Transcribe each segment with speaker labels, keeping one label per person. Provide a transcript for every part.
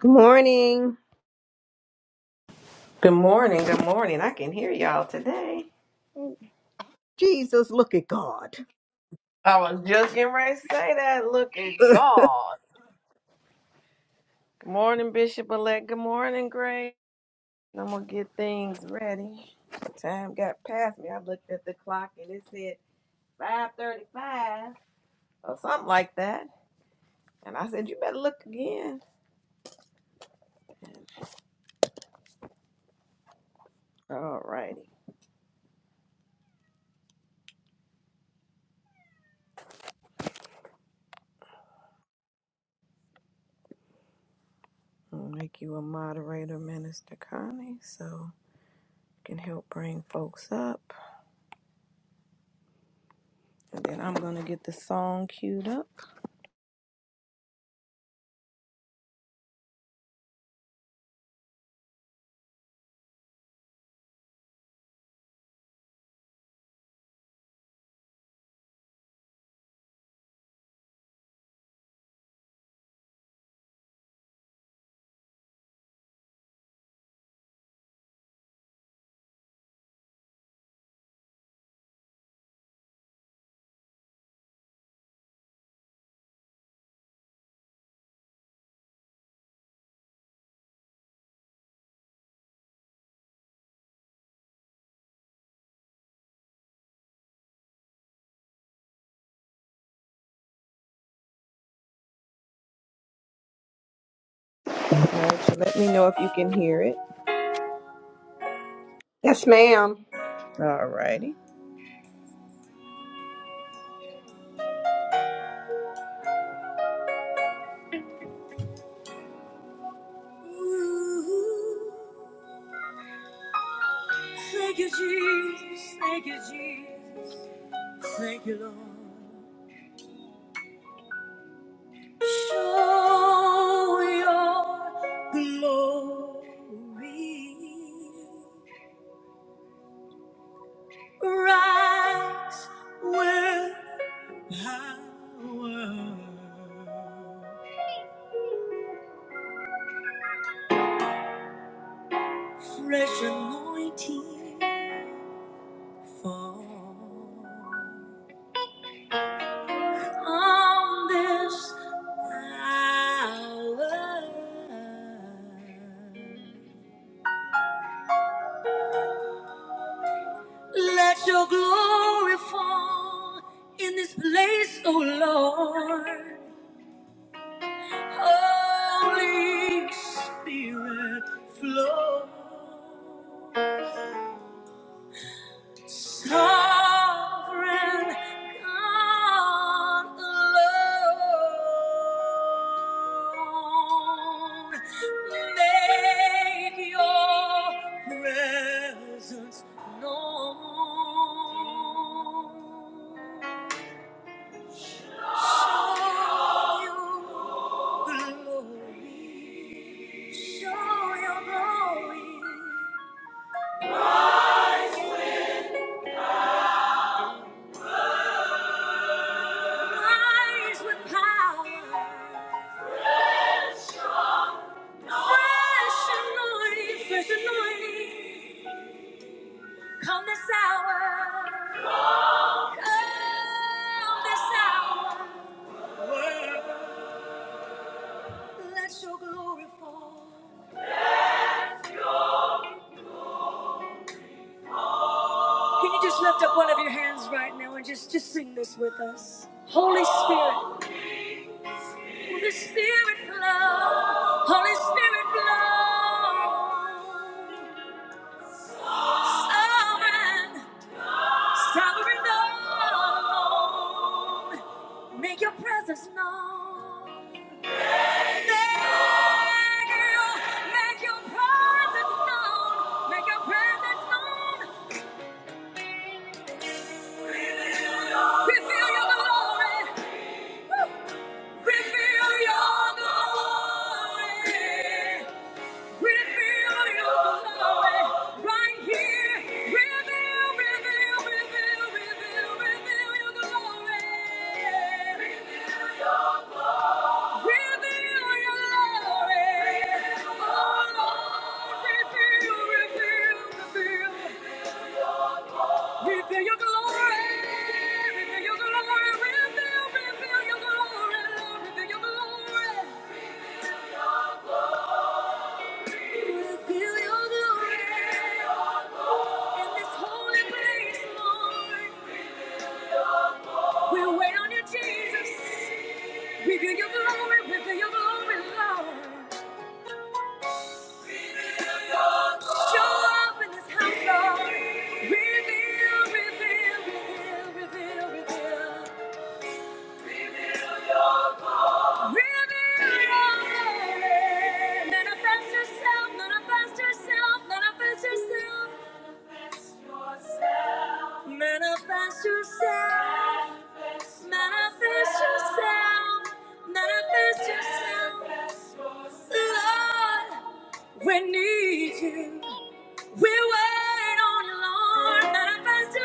Speaker 1: Good morning.
Speaker 2: Good morning, good morning. I can hear y'all today.
Speaker 1: Jesus, look at God.
Speaker 2: I was just getting ready to say that. Look at God. Good morning, Bishop elect. Good morning, Grace. I'm gonna get things ready. Time got past me. I looked at the clock and it said 5:35 or something like that. And I said, "You better look again." All righty. I'll make you a moderator, Minister Connie, so you can help bring folks up. And then I'm gonna get the song queued up. All right, so let me know if you can hear it.
Speaker 1: Yes, ma'am.
Speaker 2: All righty. Ooh, Thank you, Jesus. Thank you, Jesus. Thank you, Lord. Show your glory. Rise with power. Fresh anointing fall. on this hour. Let your glory fall in this place, O Lord. Holy Spirit, flow. Sovereign God alone, make your presence known. Show your glory, show your glory, rise with power. Fresh anointing, fresh anointing. Come this hour. Come this hour. Let your glory fall. Can you just lift up one of your hands right now and just, just sing this with us? Holy Spirit. Holy Spirit flow. Holy Spirit flow. Sovereign. Sovereign Lord, make your presence known. Thank you, make your presence known. Make your presence known. We feel your glory. Woo. We feel your glory. Reveal your glory, reveal your glory, reveal, reveal your glory, Lord, reveal your glory. Reveal your glory. In this holy place, Lord, we wait on you, Jesus. Reveal your glory, reveal your glory, Lord. Show up in this house, Lord. Reveal, reveal, reveal, reveal, reveal. Manifest yourself, manifest yourself, manifest yourself. Manifest yourself. Manifest yourself. Manifest yourself. Lord, we need you. We wait on you, Lord. Manifest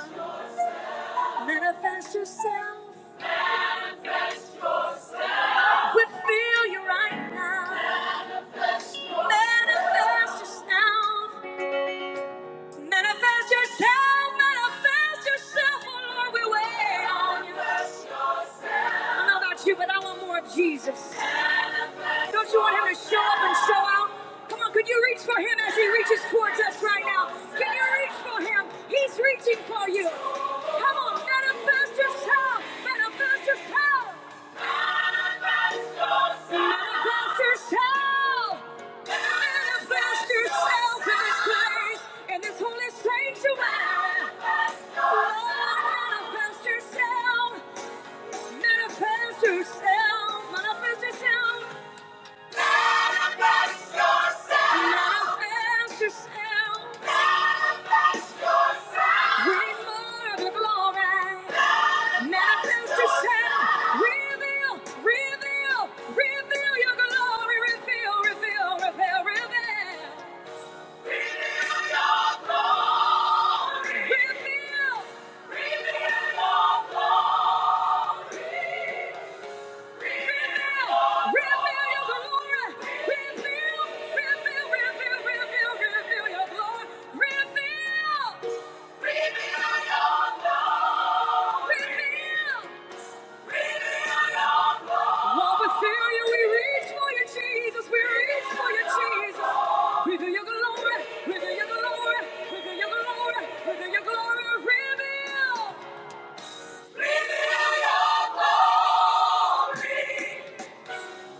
Speaker 2: yourself. Manifest yourself. We feel you right now. Manifest yourself. Manifest yourself. Manifest yourself. Oh Lord, we wait on you. I don't know about you, but I want more of Jesus. Don't you want him to show up and show out? Come on, could you reach for him as he reaches towards us right now? Can you reach for him? He's reaching for you. Come on, manifest yourself. Manifest yourself. Manifest yourself! Manifest yourself in this place, in this holy sanctuary. Lord, manifest yourself. Manifest yourself. Manifest yourself. Manifest yourself. Manifest yourself. Manifest yourself. Reveal, reveal, reveal your glory. Reveal, reveal, reveal, reveal. Reveal your glory. Reveal. Reveal your glory. Reveal your glory, reveal your glory, reveal your glory, reveal your glory, reveal, reveal your glory.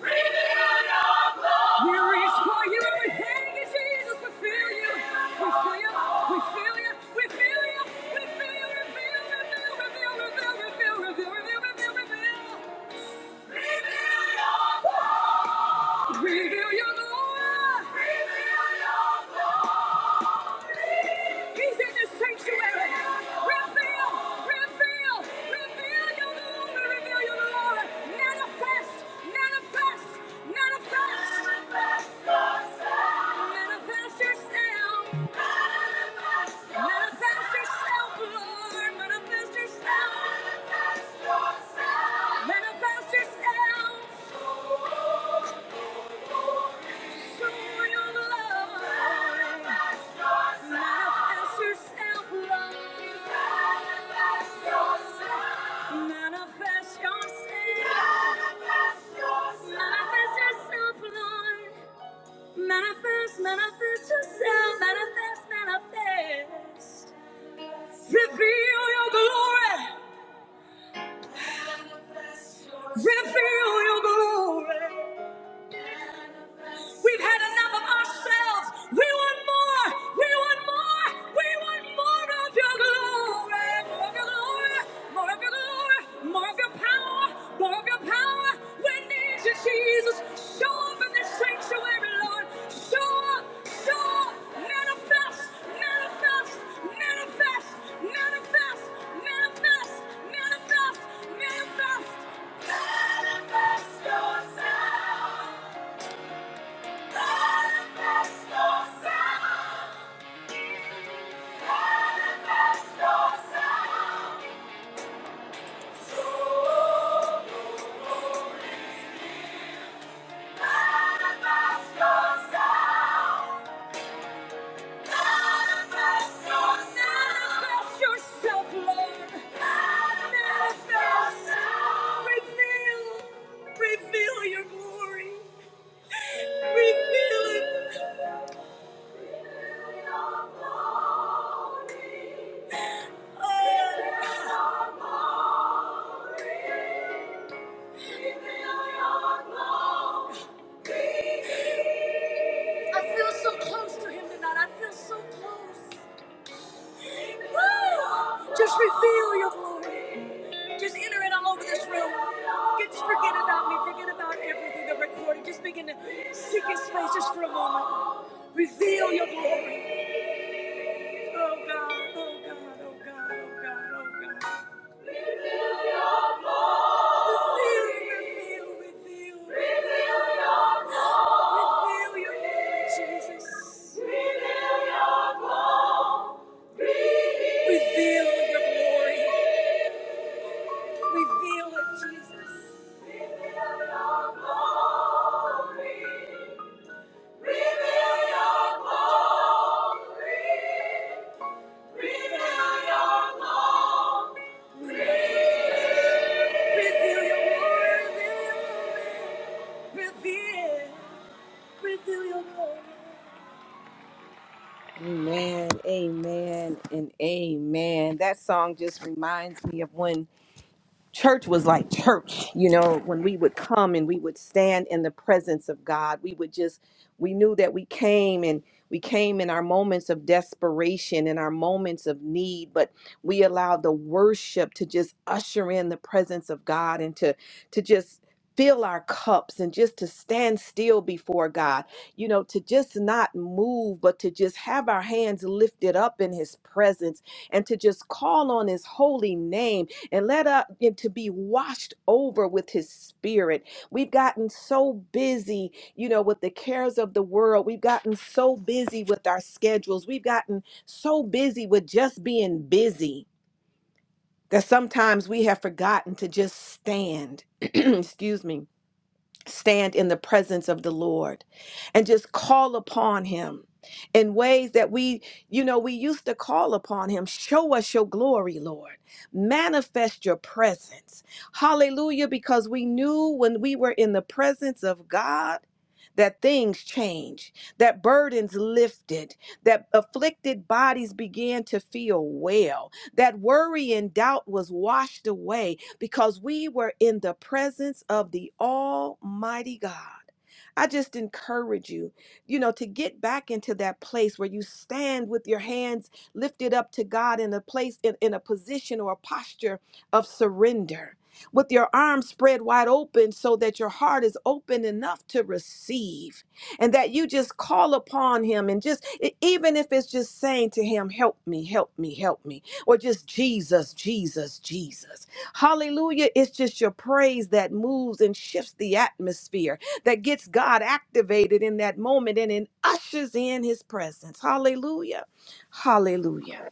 Speaker 2: We reach for you and we thank you, Jesus. We feel you. We feel you. We feel you. We feel you. We feel you. Reveal, reveal, reveal, reveal, reveal, reveal, reveal, reveal, reveal. Reveal your glory. He's in this sanctuary. Reveal, reveal, reveal your glory. Reveal your glory. Manifest, manifest, manifest. Manifest yourself. Manifest yourself, Lord. Manifest yourself. Manifest yourself. Show your love. Manifest yourself, Lord. Manifest yourself. Manifest yourself, Lord. Manifest, manifest yourself. Manifest, manifest. Reveal your glory. Reveal your glory. We've had enough of ourselves. We want more. We want more. We want more of your glory. More of your glory. More of your glory. More of your power. More of your power. We need you, Jesus. Show up in this sanctuary, Lord. Show up. Show up. Manifest. Manifest. Manifest. Manifest. Manifest. Manifest. Manifest. Manifest yourself. Reveal your glory. Reveal it. Oh. I feel so close to him tonight. I feel so close. Woo! Just reveal your glory. Just enter it all over this room. Just forget about me. Forget about everything that recorded. Just begin to seek his face just for a moment. Reveal your glory. Oh God, oh God, oh God, oh God, oh God. Reveal, reveal, reveal. Reveal your glory, Jesus. Reveal your glory. Reveal it, Jesus. Amen, amen, and amen. That song just reminds me of when church was like church you know when we would come and we would stand in the presence of god we would just we knew that we came and we came in our moments of desperation in our moments of need but we allowed the worship to just usher in the presence of god and to to just fill our cups and just to stand still before god you know to just not move but to just have our hands lifted up in his presence and to just call on his holy name and let us to be washed over with his spirit. We've gotten so busy, you know, with the cares of the world. We've gotten so busy with our schedules. We've gotten so busy with just being busy that sometimes we have forgotten to just stand. Excuse me stand in the presence of the Lord and just call upon him in ways that we you know we used to call upon him show us your glory lord manifest your presence hallelujah because we knew when we were in the presence of god that things changed, that burdens lifted, that afflicted bodies began to feel well. That worry and doubt was washed away because we were in the presence of the Almighty God. I just encourage you, you know, to get back into that place where you stand with your hands lifted up to God in a place, in, in a position or a posture of surrender, with your arms spread wide open so that your heart is open enough to receive and that you just call upon him and just e- even if it's just saying to him help me help me help me or just jesus jesus jesus hallelujah it's just your praise that moves and shifts the atmosphere that gets god activated in that moment and it ushers in his presence hallelujah hallelujah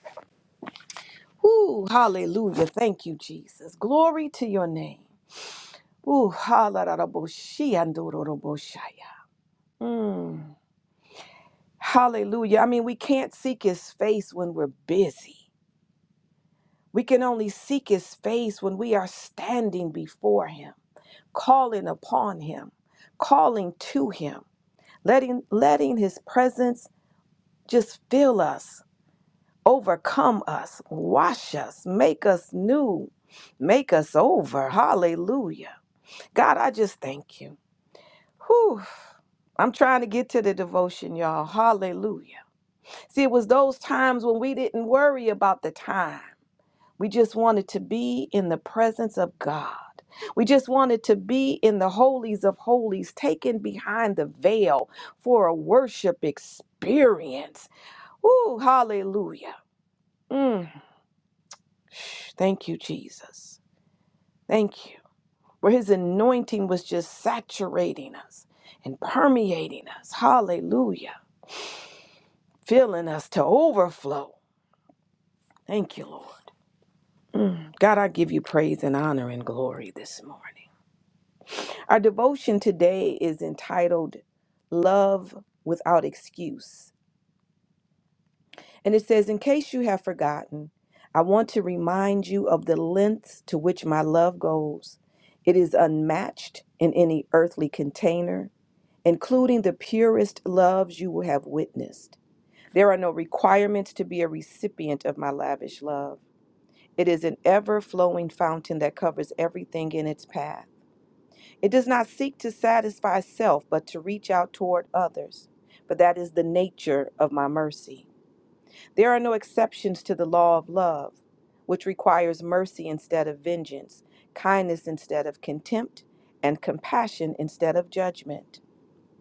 Speaker 2: Ooh, hallelujah thank you jesus glory to your name Ooh, hallelujah. Mm. Hallelujah. I mean, we can't seek his face when we're busy. We can only seek his face when we are standing before him, calling upon him, calling to him, letting letting his presence just fill us, overcome us, wash us, make us new, make us over. Hallelujah. God, I just thank you. Whew. I'm trying to get to the devotion, y'all. Hallelujah. See, it was those times when we didn't worry about the time. We just wanted to be in the presence of God. We just wanted to be in the holies of holies, taken behind the veil for a worship experience. Ooh, hallelujah. Mm. Shh, Thank you, Jesus. Thank you. Where his anointing was just saturating us and permeating us. Hallelujah. Filling us to overflow. Thank you, Lord. Mm. God, I give you praise and honor and glory this morning. Our devotion today is entitled Love Without Excuse. And it says, In case you have forgotten, I want to remind you of the lengths to which my love goes. It is unmatched in any earthly container, including the purest loves you will have witnessed. There are no requirements to be a recipient of my lavish love. It is an ever flowing fountain that covers everything in its path. It does not seek to satisfy self, but to reach out toward others. But that is the nature of my mercy. There are no exceptions to the law of love, which requires mercy instead of vengeance, kindness instead of contempt, and compassion instead of judgment.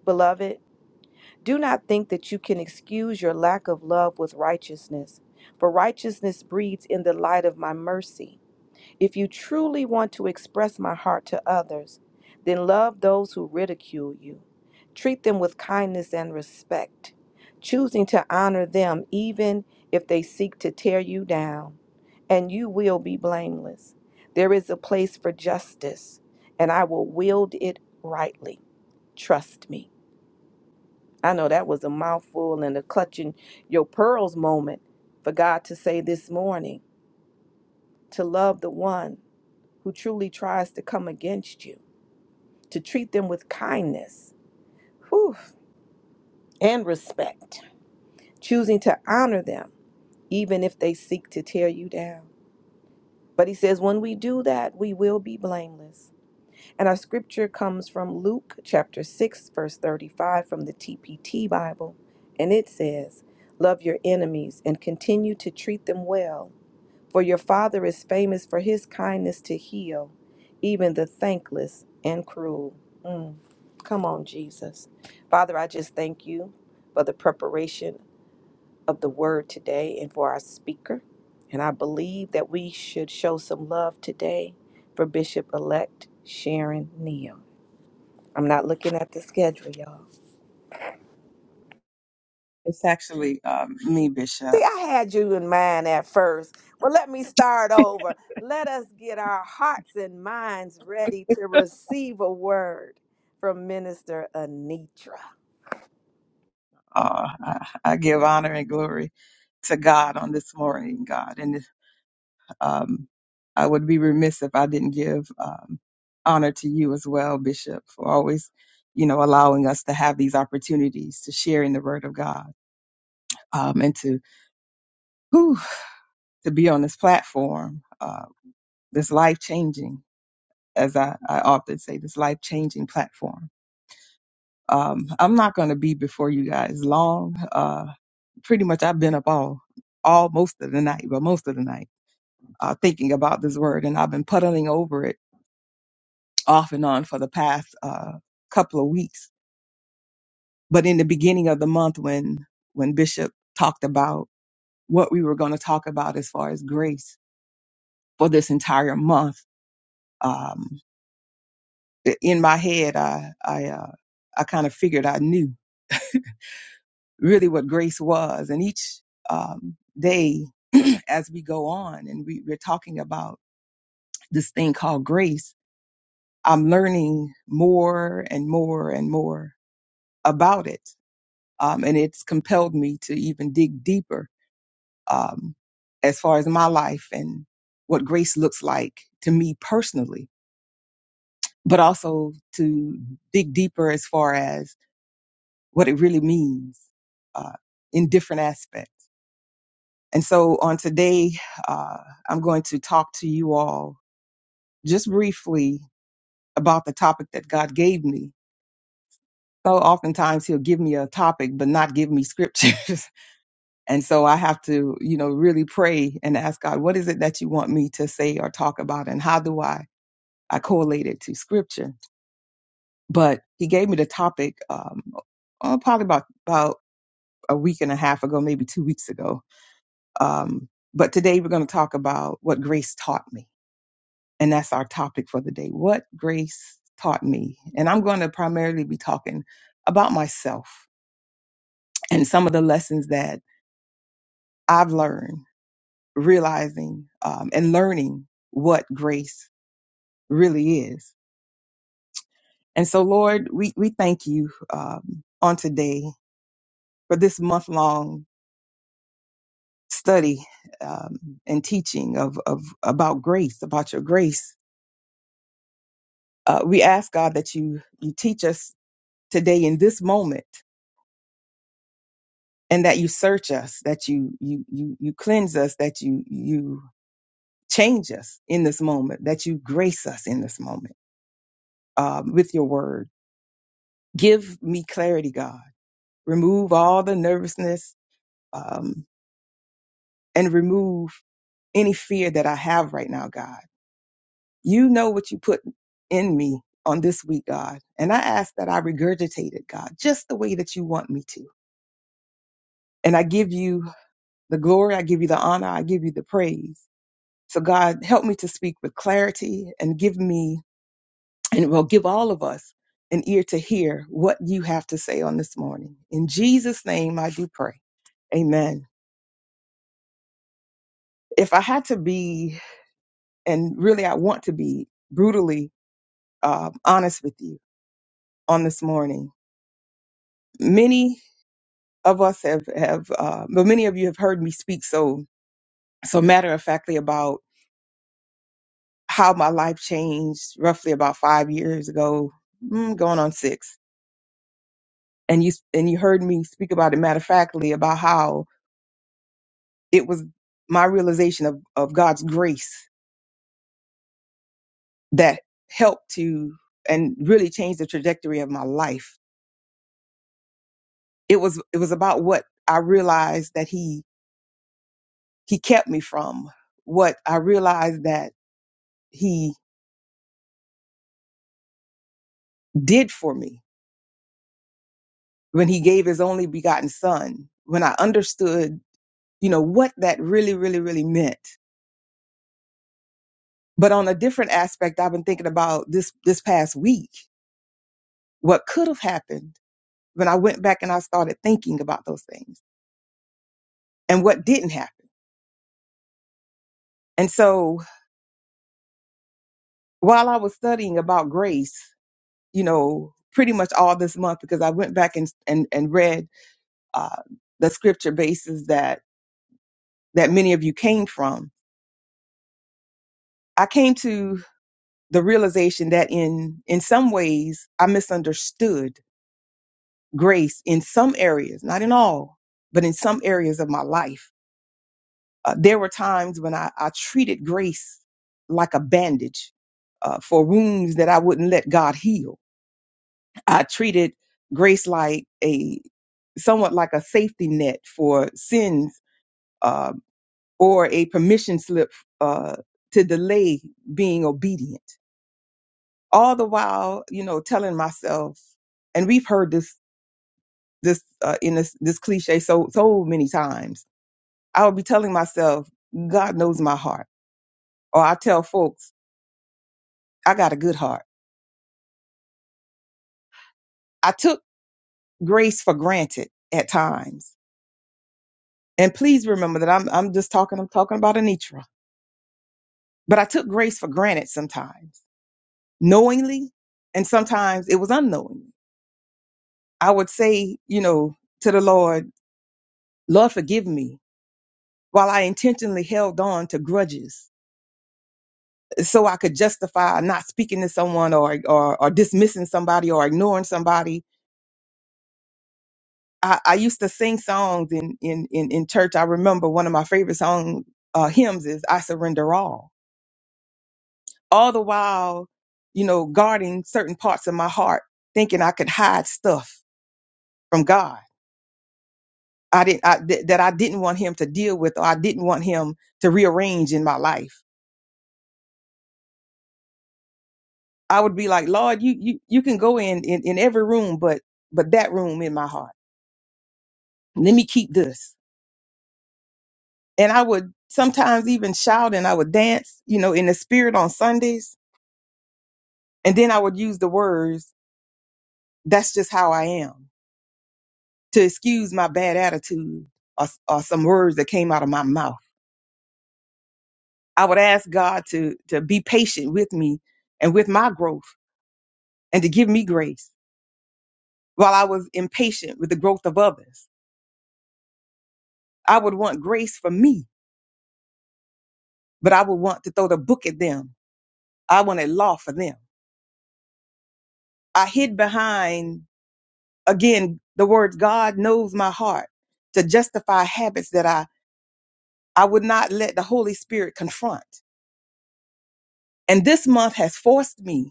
Speaker 2: Beloved, do not think that you can excuse your lack of love with righteousness, for righteousness breeds in the light of my mercy. If you truly want to express my heart to others, then love those who ridicule you. Treat them with kindness and respect, choosing to honor them even if they seek to tear you down, and you will be blameless. There is a place for justice, and I will wield it rightly. Trust me. I know that was a mouthful and a clutching your pearls moment for God to say this morning to love the one who truly tries to come against you, to treat them with kindness whew, and respect, choosing to honor them, even if they seek to tear you down. But he says, when we do that, we will be blameless. And our scripture comes from Luke chapter 6, verse 35 from the TPT Bible. And it says, Love your enemies and continue to treat them well For your Father is famous for his kindness to heal, even the thankless and cruel. Mm. Come on, Jesus. Father, I just thank you for the preparation of the word today and for our speaker. And I believe that we should show some love today for Bishop elect Sharon Neal. I'm not looking at the schedule, y'all.
Speaker 3: It's actually um, me, Bishop.
Speaker 2: See, I had you in mind at first. Well, let me start over. Let us get our hearts and minds ready to receive a word from Minister Anitra.
Speaker 3: Uh, I, I give honor and glory to God on this morning, God. And um, I would be remiss if I didn't give um, honor to you as well, Bishop, for always, you know, allowing us to have these opportunities to share in the Word of God um, and to whew, to be on this platform, uh, this life changing, as I, I often say, this life changing platform. Um, I'm not going to be before you guys long. Uh, pretty much I've been up all, all most of the night, but most of the night, uh, thinking about this word. And I've been puddling over it off and on for the past, uh, couple of weeks. But in the beginning of the month, when, when Bishop talked about what we were going to talk about as far as grace for this entire month, um, in my head, I, I, uh, I kind of figured I knew really what grace was. And each, um, day as we go on and we, we're talking about this thing called grace, I'm learning more and more and more about it. Um, and it's compelled me to even dig deeper um, as far as my life and what grace looks like to me personally, but also to dig deeper as far as what it really means uh, in different aspects. And so on today, uh, I'm going to talk to you all just briefly about the topic that God gave me so oftentimes he'll give me a topic but not give me scriptures and so i have to you know really pray and ask god what is it that you want me to say or talk about and how do i i correlate it to scripture but he gave me the topic um oh, probably about about a week and a half ago maybe two weeks ago um but today we're going to talk about what grace taught me and that's our topic for the day what grace taught me and i'm going to primarily be talking about myself and some of the lessons that I've learned realizing um, and learning what grace really is. And so, Lord, we, we thank you um, on today for this month long study um, and teaching of, of about grace, about your grace. Uh, we ask God that you you teach us today in this moment, and that you search us, that you you you you cleanse us, that you you change us in this moment, that you grace us in this moment uh, with your word Give me clarity, God. Remove all the nervousness um, and remove any fear that I have right now, God. You know what you put in me on this week, God. And I ask that I regurgitate it, God, just the way that you want me to. And I give you the glory, I give you the honor, I give you the praise. So, God, help me to speak with clarity and give me, and will give all of us an ear to hear what you have to say on this morning. In Jesus' name, I do pray. Amen. If I had to be, and really I want to be brutally uh, honest with you on this morning, many of us have, have uh, but many of you have heard me speak so, so matter of factly about how my life changed roughly about five years ago, mm, going on six. And you, and you heard me speak about it matter of factly about how it was my realization of, of God's grace that helped to and really changed the trajectory of my life it was it was about what I realized that he he kept me from, what I realized that he did for me when he gave his only begotten son, when I understood, you know, what that really, really, really meant. But on a different aspect, I've been thinking about this this past week, what could have happened when I went back and I started thinking about those things and what didn't happen. And so while I was studying about grace, you know, pretty much all this month because I went back and and, and read uh, the scripture bases that that many of you came from. I came to the realization that in in some ways I misunderstood grace in some areas, not in all, but in some areas of my life. Uh, there were times when I, I treated grace like a bandage uh, for wounds that I wouldn't let God heal. I treated grace like a somewhat like a safety net for sins uh, or a permission slip uh, to delay being obedient. All the while, you know, telling myself, and we've heard this this uh, in this this cliche so so many times. I would be telling myself, God knows my heart, or I tell folks, I got a good heart. I took grace for granted at times, and please remember that I'm I'm just talking I'm talking about Anitra, but I took grace for granted sometimes, knowingly, and sometimes it was unknowingly I would say, you know, to the Lord, Lord, forgive me while I intentionally held on to grudges eh, so I could justify not speaking to someone or, or, or dismissing somebody or ignoring somebody. I, I used to sing songs in, in, in, in church. I remember one of my favorite song uh, hymns is I Surrender All. All the while, you know, guarding certain parts of my heart, thinking I could hide stuff from God. I didn't I, that that I didn't want him to deal with, or I didn't want him to rearrange in my life I would be like, Lord, you you you can go in in, in every room, but but that room in my heart. Let me keep this. And I would sometimes even shout and I would dance, you know, in the spirit on Sundays. And then I would use the words, that's just how I am, to excuse my bad attitude or, or some words that came out of my mouth. I would ask God to to be patient with me and with my growth and to give me grace while I was impatient with the growth of others. I would want grace for me but I would want to throw the book at them. I wanted law for them. I hid behind, again, the words, God knows my heart to justify habits that I, I would not let the Holy Spirit confront. And this month has forced me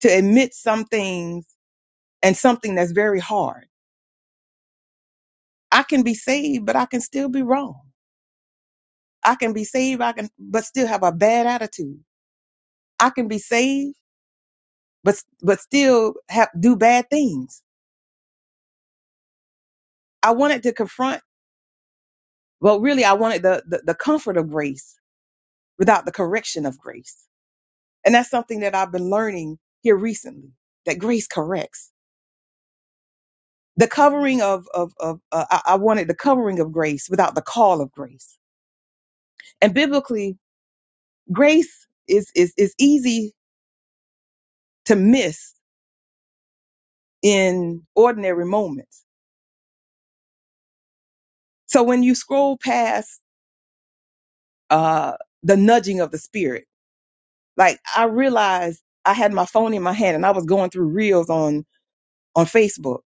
Speaker 3: to admit some things and something that's very hard. I can be saved, but I can still be wrong. I can be saved, I can, but still have a bad attitude. I can be saved, but, but still have, do bad things. I wanted to confront Well, really, I wanted the, the, the comfort of grace without the correction of grace. And that's something that I've been learning here recently that grace corrects. The covering of, of, of uh, I, I wanted the covering of grace without the call of grace. And biblically, grace is, is, is easy to miss in ordinary moments. So when you scroll past uh, the nudging of the spirit, like I realized I had my phone in my hand and I was going through reels on, on Facebook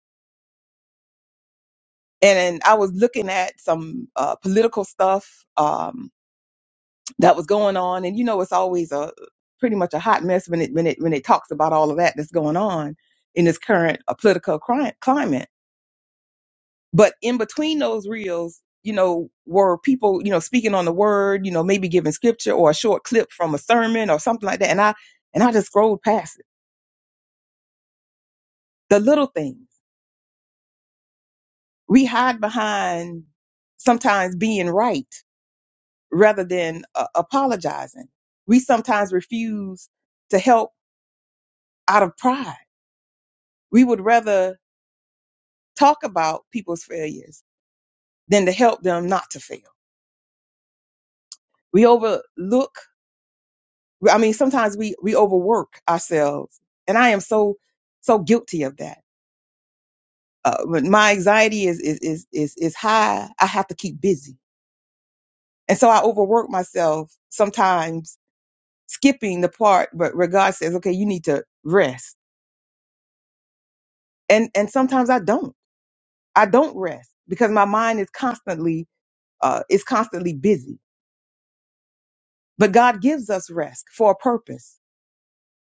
Speaker 3: and, and I was looking at some uh, political stuff um, that was going on, and you know, it's always a pretty much a hot mess when it when it when it talks about all of that that's going on in this current uh, political cri- climate. But in between those reels, you know, were people you know speaking on the word, you know, maybe giving scripture or a short clip from a sermon or something like that, and I and I just scrolled past it. The little things we hide behind sometimes being right rather than uh, apologizing. We sometimes refuse to help out of pride. We would rather talk about people's failures than to help them not to fail. We overlook, I mean, sometimes we, we overwork ourselves. And I am so, so guilty of that. Uh, when my anxiety is, is, is, is, is high. I have to keep busy. And so I overwork myself sometimes skipping the part, but where God says, okay, you need to rest. And, and sometimes I don't I don't rest because my mind is constantly uh, is constantly busy. But God gives us rest for a purpose.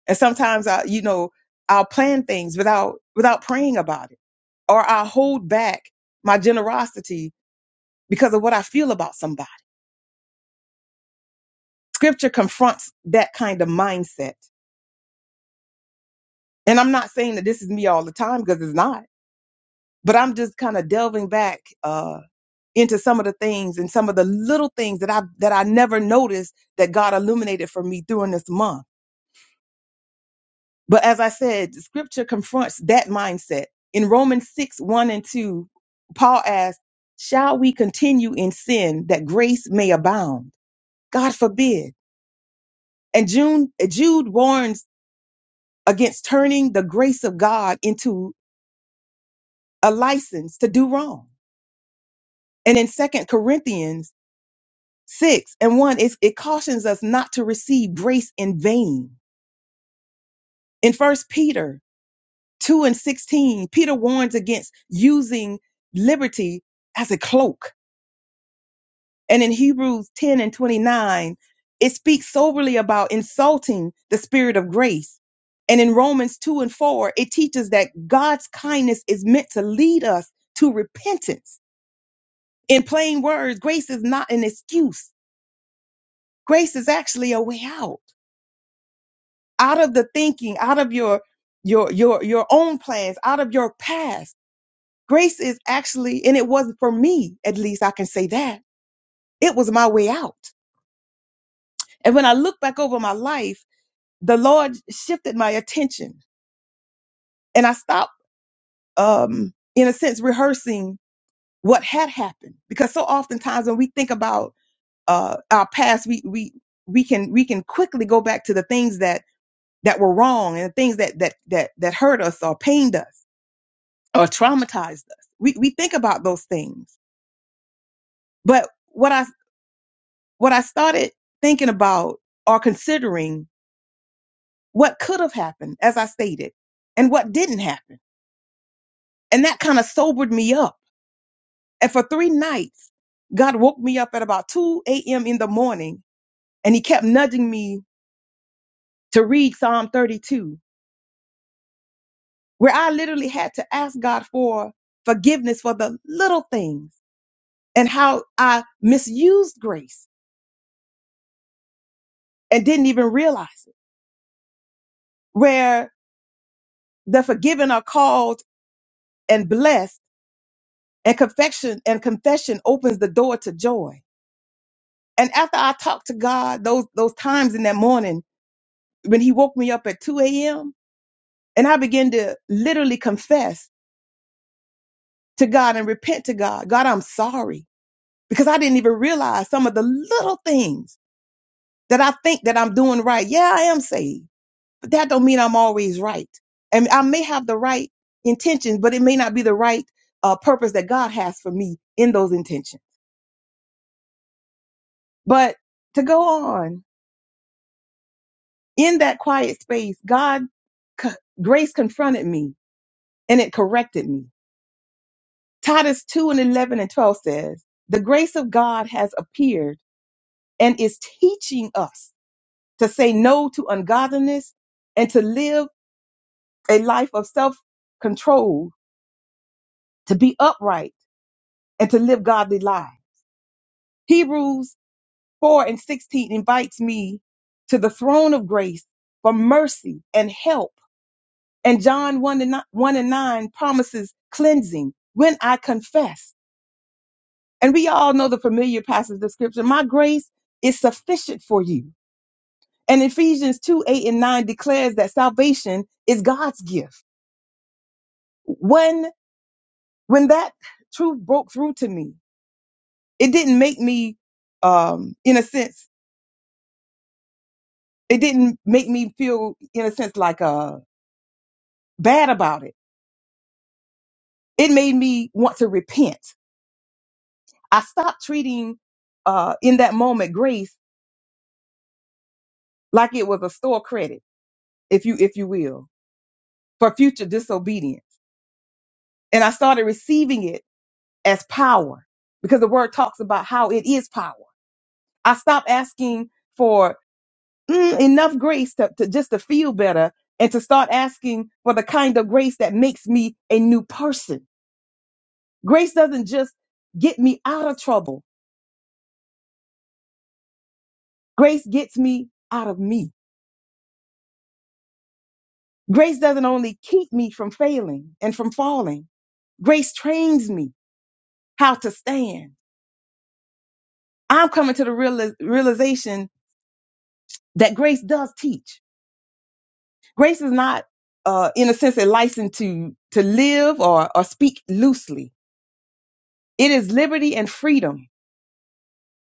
Speaker 3: And sometimes I, you know, I'll plan things without without praying about it, or I'll hold back my generosity because of what I feel about somebody. Scripture confronts that kind of mindset. And I'm not saying that this is me all the time because it's not, but I'm just kind of delving back uh, into some of the things and some of the little things that I that I never noticed that God illuminated for me during this month But as I said, the scripture confronts that mindset. In Romans 6, 1 and 2, Paul asks, Shall we continue in sin that grace may abound? God forbid. And June, Jude warns against turning the grace of God into a license to do wrong. And in Second Corinthians 6 and 1, it, it cautions us not to receive grace in vain. In First Peter 2 and 16, Peter warns against using liberty as a cloak. And in Hebrews 10 and 29, it speaks soberly about insulting the spirit of grace. And in Romans 2 and 4, it teaches that God's kindness is meant to lead us to repentance. In plain words, grace is not an excuse. Grace is actually a way out. Out of the thinking, out of your your your your own plans, out of your past Grace is actually, and it was for me, at least I can say that. It was my way out. And when I look back over my life, the Lord shifted my attention and I stopped, um, in a sense, rehearsing what had happened. Because so oftentimes when we think about, uh, our past, we, we, we can, we can quickly go back to the things that, that were wrong and the things that, that, that, that hurt us or pained us or traumatized us. We, we think about those things. But what I what I started thinking about or considering what could have happened, as I stated, and what didn't happen. And that kind of sobered me up. And for three nights, God woke me up at about 2 a.m. in the morning and he kept nudging me to read Psalm 32, where I literally had to ask God for forgiveness for the little things and how I misused grace and didn't even realize it, where the forgiven are called and blessed And confession and confession opens the door to joy. And after I talked to God, those those times in that morning when He woke me up at 2 a.m. and I began to literally confess to God and repent to God. God, I'm sorry because I didn't even realize some of the little things that I think that I'm doing right. Yeah, I am saved, but that don't mean I'm always right. And I may have the right intentions, but it may not be the right uh, purpose that God has for me in those intentions. But to go on In that quiet space, God co- grace confronted me and it corrected me. Titus 2 and 11 and 12 says, the grace of God has appeared and is teaching us to say no to ungodliness and to live a life of self control, to be upright and to live godly lives. Hebrews 4 and 16 invites me to the throne of grace for mercy and help And John 1 and, 9, 1 and 9 promises cleansing when I confess. And we all know the familiar passage of scripture. My grace is sufficient for you. And Ephesians 2, 8 and 9 declares that salvation is God's gift. When, when that truth broke through to me, it didn't make me, um, in a sense, it didn't make me feel, in a sense, like, uh, bad about it. It made me want to repent. I stopped treating, uh, in that moment, grace like it was a store credit, if you if you will, for future disobedience. And I started receiving it as power because the word talks about how it is power. I stopped asking for mm, enough grace to, to just to feel better and to start asking for the kind of grace that makes me a new person. Grace doesn't just get me out of trouble. Grace gets me out of me. Grace doesn't only keep me from failing and from falling. Grace trains me how to stand. I'm coming to the reali- realization that grace does teach. Grace is not, uh, in a sense, a license to, to live or, or speak loosely. It is liberty and freedom.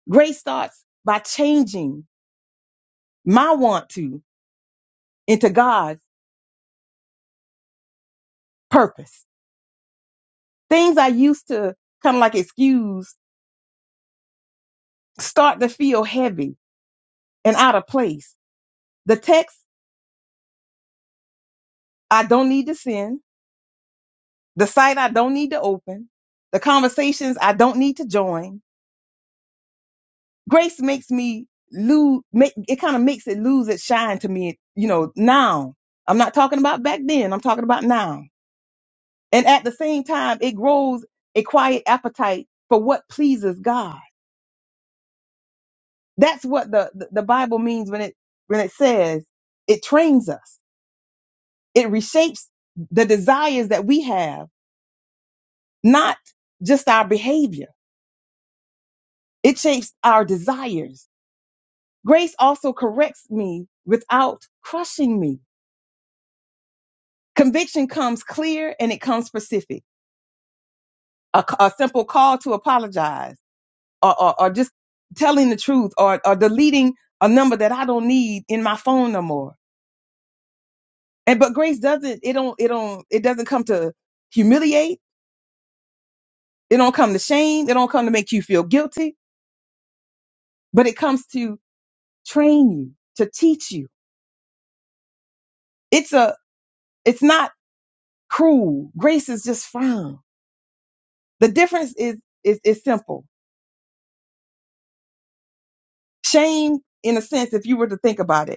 Speaker 3: Grace starts by changing my want to into God's purpose. Things I used to kind of like excuse start to feel heavy and out of place. The text I don't need to send, the site I don't need to open, the conversations I don't need to join, grace makes me lose make it kind of makes it lose its shine to me you know now i'm not talking about back then i'm talking about now and at the same time it grows a quiet appetite for what pleases god that's what the the, the bible means when it when it says it trains us it reshapes the desires that we have not just our behavior it shapes our desires grace also corrects me without crushing me Conviction comes clear and it comes specific. A a simple call to apologize or, or, or just telling the truth or, or deleting a number that I don't need in my phone no more. And but grace doesn't it don't it don't it doesn't come to humiliate, it don't come to shame, it don't come to make you feel guilty, but it comes to train you, to teach you. It's a it's not cruel. Grace is just firm. The difference is is is simple. Shame in a sense if you were to think about it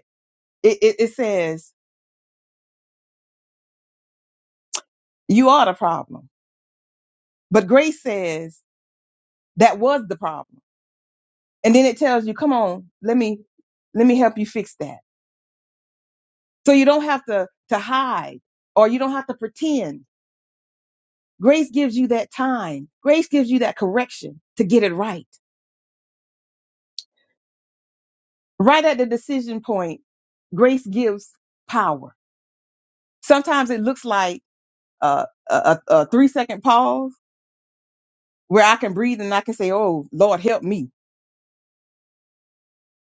Speaker 3: It, it, it says you are the problem, but grace says that was the problem, and then it tells you, "Come on, let me let me help you fix that." So you don't have to to hide or you don't have to pretend. Grace gives you that time. Grace gives you that correction to get it right. Right at the decision point, grace gives power. Sometimes it looks like uh, a, a, a three second pause where I can breathe and I can say, Oh, Lord, help me.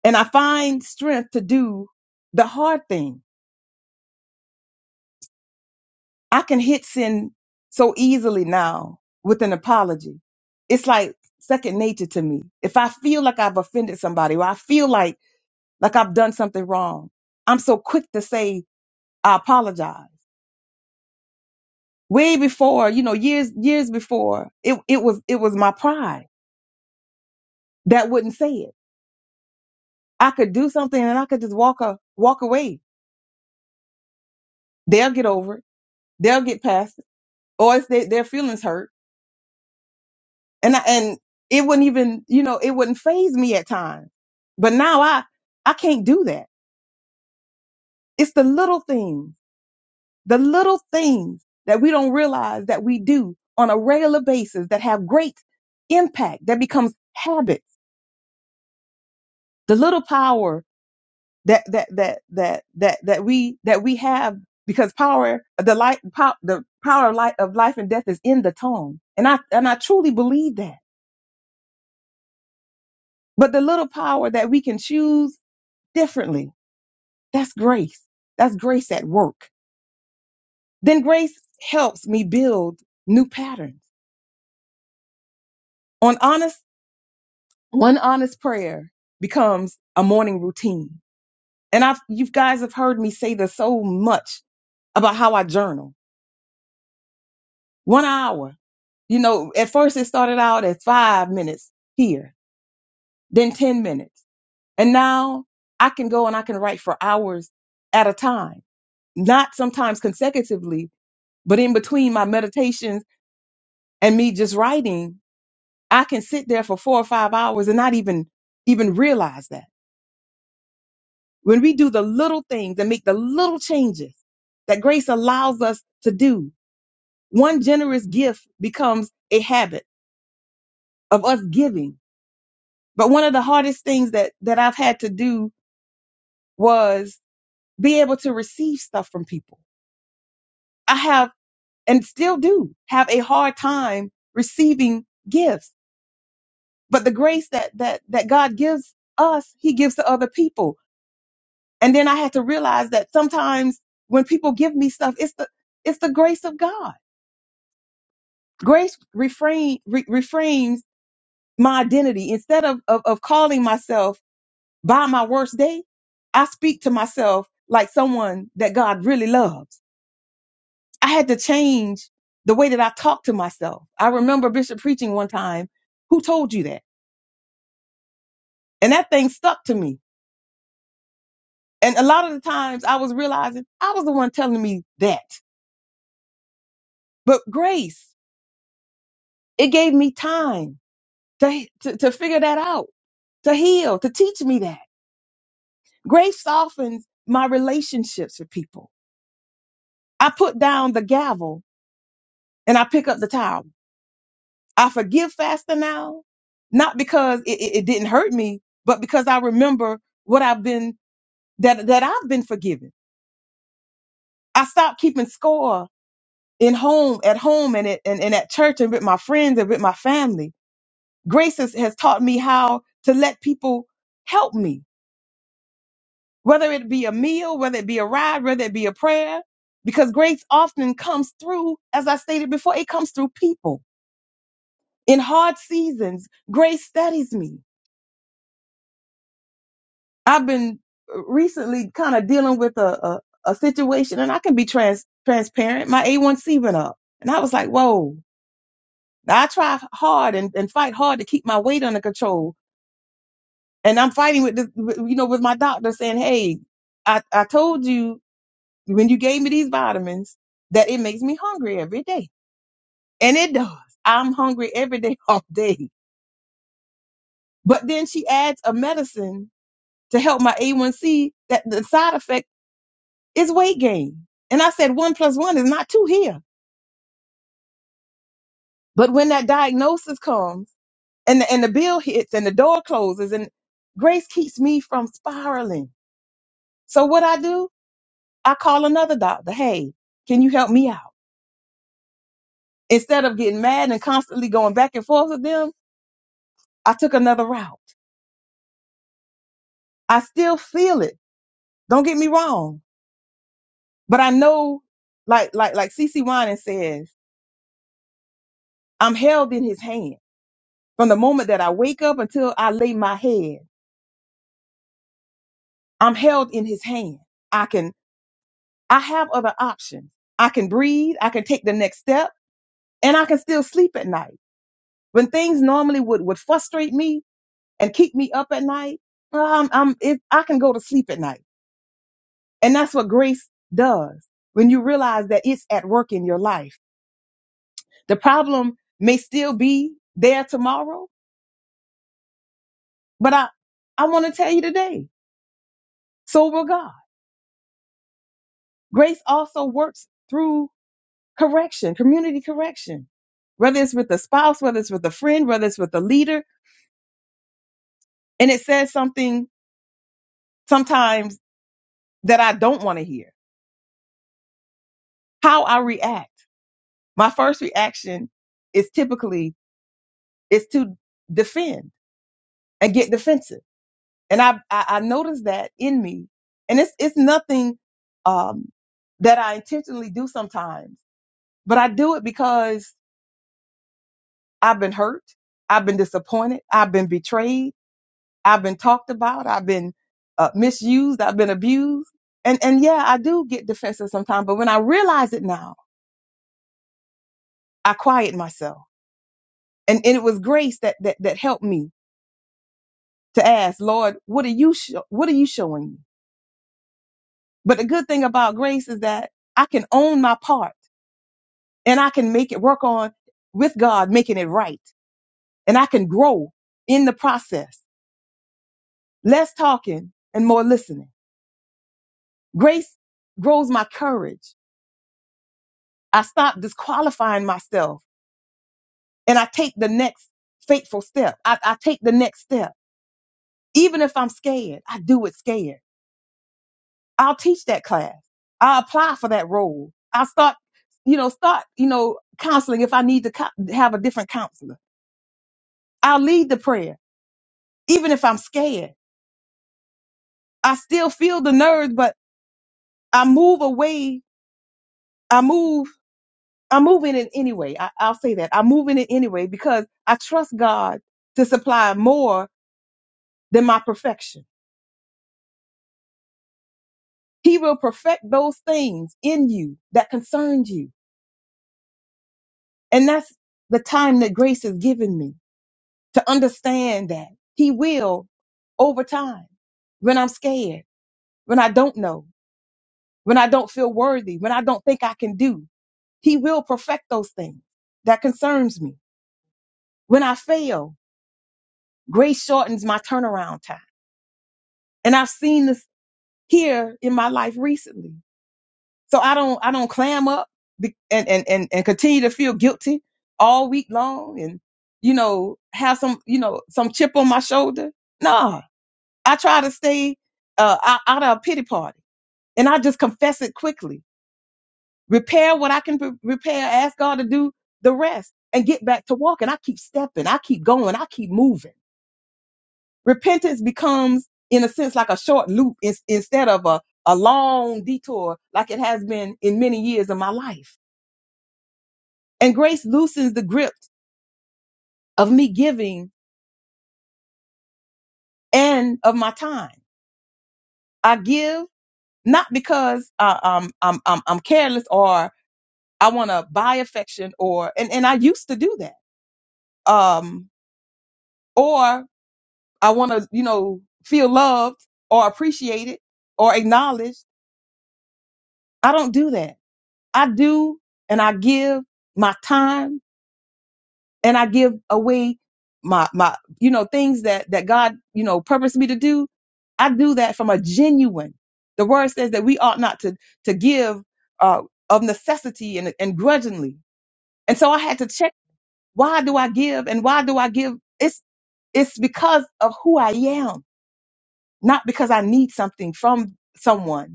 Speaker 3: and I find strength to do the hard thing. I can hit sin so easily now with an apology. It's like second nature to me. If I feel like I've offended somebody or I feel like like I've done something wrong, I'm so quick to say I apologize. Way before, you know, years years before, it it was it was my pride that wouldn't say it. I could do something and I could just walk a, walk away. They'll get over it. They'll get past it. Or if they, their feelings hurt and I, and it wouldn't even you know it wouldn't phase me at times but now i i can't do that it's the little things the little things that we don't realize that we do on a regular basis that have great impact that becomes habits the little power that that that that that that we that we have because power the light pow, the power of light of life and death is in the tongue and i and i truly believe that but the little power that we can choose differently That's grace. That's grace at work. Then grace helps me build new patterns. On honest, one honest prayer becomes a morning routine. And I've, you guys have heard me say this so much about how I journal. One hour. You know, at first it started out as five minutes here, then 10 minutes. And now I can go and I can write for hours at a time, not sometimes consecutively, but in between my meditations and me just writing I can sit there for four or five hours and not even even realize that. When we do the little things and make the little changes that grace allows us to do, one generous gift becomes a habit of us giving. But one of the hardest things that that I've had to do was be able to receive stuff from people. I have and still do have a hard time receiving gifts. But the grace that that that God gives us, he gives to other people And then I had to realize that sometimes when people give me stuff, it's the it's the grace of God. Grace refrain re, reframes my identity. Instead of, of of calling myself by my worst day, I speak to myself like someone that God really loves. I had to change the way that I talk to myself. I remember Bishop preaching one time, who told you that? And that thing stuck to me. And a lot of the times I was realizing I was the one telling me that. But grace, it gave me time to, to, to figure that out, to heal, to teach me that. Grace softens my relationships with people. I put down the gavel and I pick up the towel. I forgive faster now, not because it, it, it didn't hurt me, but because I remember what I've been that that I've been forgiven. I stopped keeping score in home, at home, and at and, and at church, and with my friends and with my family. Grace has, has taught me how to let people help me whether it be a meal, whether it be a ride, whether it be a prayer, because grace often comes through, as I stated before, it comes through people. In hard seasons, grace steadies me. I've been uh, recently kind of dealing with a, a, a situation, and I can be trans, transparent. My A1C went up, and I was like, whoa. Now, I try hard and, and fight hard to keep my weight under control. And I'm fighting with, this, with- you know, with my doctor saying, hey, I, I told you when you gave me these vitamins that it makes me hungry every day. And it does. I'm hungry every day, all day. But then she adds a medicine to help my A1C that the side effect is weight gain. And I said, one plus one is not two here. But when that diagnosis comes and the, and the bill hits and the door closes and grace keeps me from spiraling. So what I do, I call another doctor. Hey, can you help me out? Instead of getting mad and constantly going back and forth with them, I took another route. I still feel it. Don't get me wrong. But I know, like, like, like CC Winan says, I'm held in his hand from the moment that I wake up until I lay my head. I'm held in his hand. I can, I have other options. I can breathe. I can take the next step and I can still sleep at night. When things normally would, would frustrate me and keep me up at night, um, I'm, it, I can go to sleep at night. And that's what grace does when you realize that it's at work in your life The problem may still be there tomorrow, but I, I want to tell you today, so will God. Grace also works through correction, community correction, whether it's with a spouse, whether it's with a friend, whether it's with a leader. And it says something sometimes that I don't want to hear. How I react. My first reaction is typically is to defend and get defensive And I, I, I noticed that in me. And it's, it's nothing, um, that I intentionally do sometimes, but I do it because I've been hurt. I've been disappointed. I've been betrayed. I've been talked about. I've been uh, misused. I've been abused. And, and yeah, I do get defensive sometimes, but when I realize it now, I quiet myself. And, and it was grace that, that, that helped me to ask, Lord, what are you, sho- what are you showing me? But the good thing about grace is that I can own my part and I can make it work on with God, making it right. And I can grow in the process. Less talking and more listening. Grace grows my courage. I stop disqualifying myself and I take the next fateful step. I, I take the next step. Even if I'm scared, I do it scared. I'll teach that class. I'll apply for that role. I'll start, you know, start, you know, counseling if I need to co- have a different counselor. I'll lead the prayer, even if I'm scared. I still feel the nerves, but I move away. I move. I move in it anyway. I, I'll say that I move in it anyway because I trust God to supply more than my perfection. He will perfect those things in you that concern you, and that's the time that grace has given me to understand that He will over time. When I'm scared, when I don't know, when I don't feel worthy, when I don't think I can do, He will perfect those things that concerns me. When I fail, grace shortens my turnaround time. And I've seen this here in my life recently. So I don't, I don't clam up be- and, and, and, and continue to feel guilty all week long and, you know, have some, you know, some chip on my shoulder. Nah, I try to stay uh, out, out of a pity party and I just confess it quickly. Repair what I can pre- repair. Ask God to do the rest and get back to walking. I keep stepping. I keep going. I keep moving. repentance becomes in a sense like a short loop in, instead of a, a long detour like it has been in many years of my life and grace loosens the grip of me giving and of my time i give not because uh, um, I'm, I'm, I'm careless or i want to buy affection or and, and i used to do that um, or i want to you know feel loved or appreciated or acknowledged i don't do that I do and I give my time and I give away my my you know things that that God you know purposed me to do. I do that from a genuine. The word says that we ought not to to give uh, of necessity and and grudgingly. And so I had to check why do I give and why do I give? It's it's because of who I am, not because I need something from someone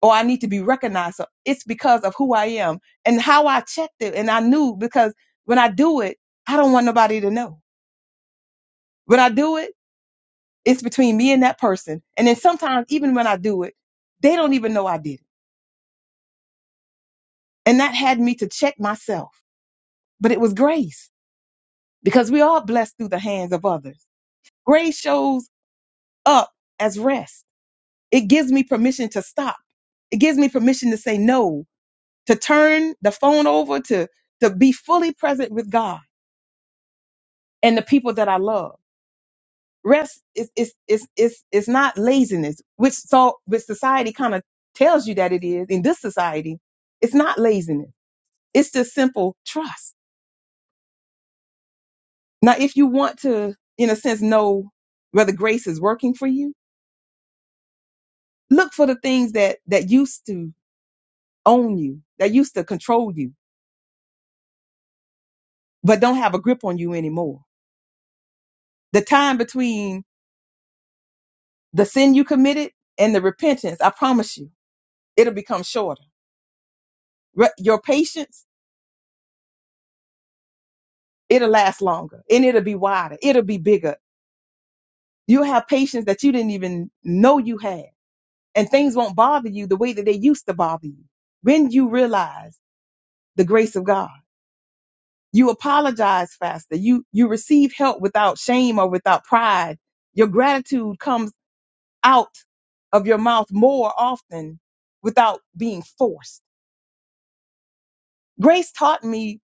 Speaker 3: or I need to be recognized. So it's because of who I am and how I checked it. And I knew because when I do it, I don't want nobody to know. When I do it, it's between me and that person. And then sometimes, even when I do it, they don't even know I did it. And that had me to check myself. But it was grace because we are blessed through the hands of others. Grace shows up as rest. It gives me permission to stop. It gives me permission to say no, to turn the phone over, to, to be fully present with God and the people that I love. Rest is is is is is not laziness, which so which society kind of tells you that it is in this society. It's not laziness. It's just simple trust. Now, if you want to, in a sense, know whether grace is working for you, look for the things that that used to own you, that used to control you, but don't have a grip on you anymore. The time between the sin you committed and the repentance, I promise you, it'll become shorter. Re- your patience It'll last longer and it'll be wider. It'll be bigger. You'll have patience that you didn't even know you had. And things won't bother you the way that they used to bother you. When you realize the grace of God, you apologize faster. You, you receive help without shame or without pride. Your gratitude comes out of your mouth more often without being forced. Grace taught me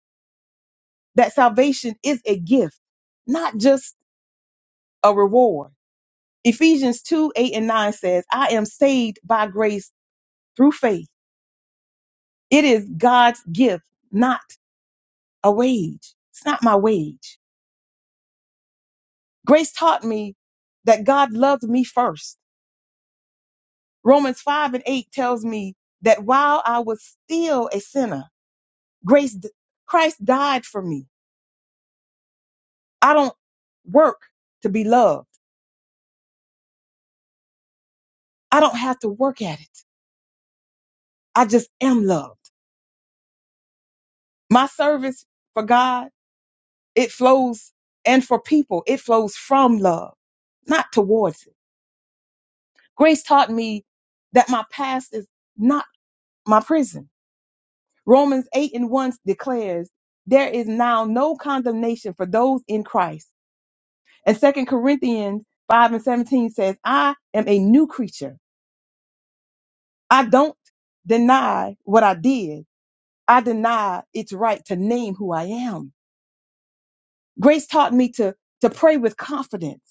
Speaker 3: that salvation is a gift, not just a reward. Ephesians 2 8 and 9 says, I am saved by grace through faith. It is God's gift, not a wage. It's not my wage. Grace taught me that God loved me first. Romans 5 and 8 tells me that while I was still a sinner, grace, Christ died for me. I don't work to be loved. I don't have to work at it. I just am loved. My service for God It flows, and for people, it flows from love, not towards it. Grace taught me that my past is not my prison. Romans 8 and 1 declares, There is now no condemnation for those in Christ. And Second Corinthians 5 and 17 says, I am a new creature. I don't deny what I did, I deny its right to name who I am. Grace taught me to, to pray with confidence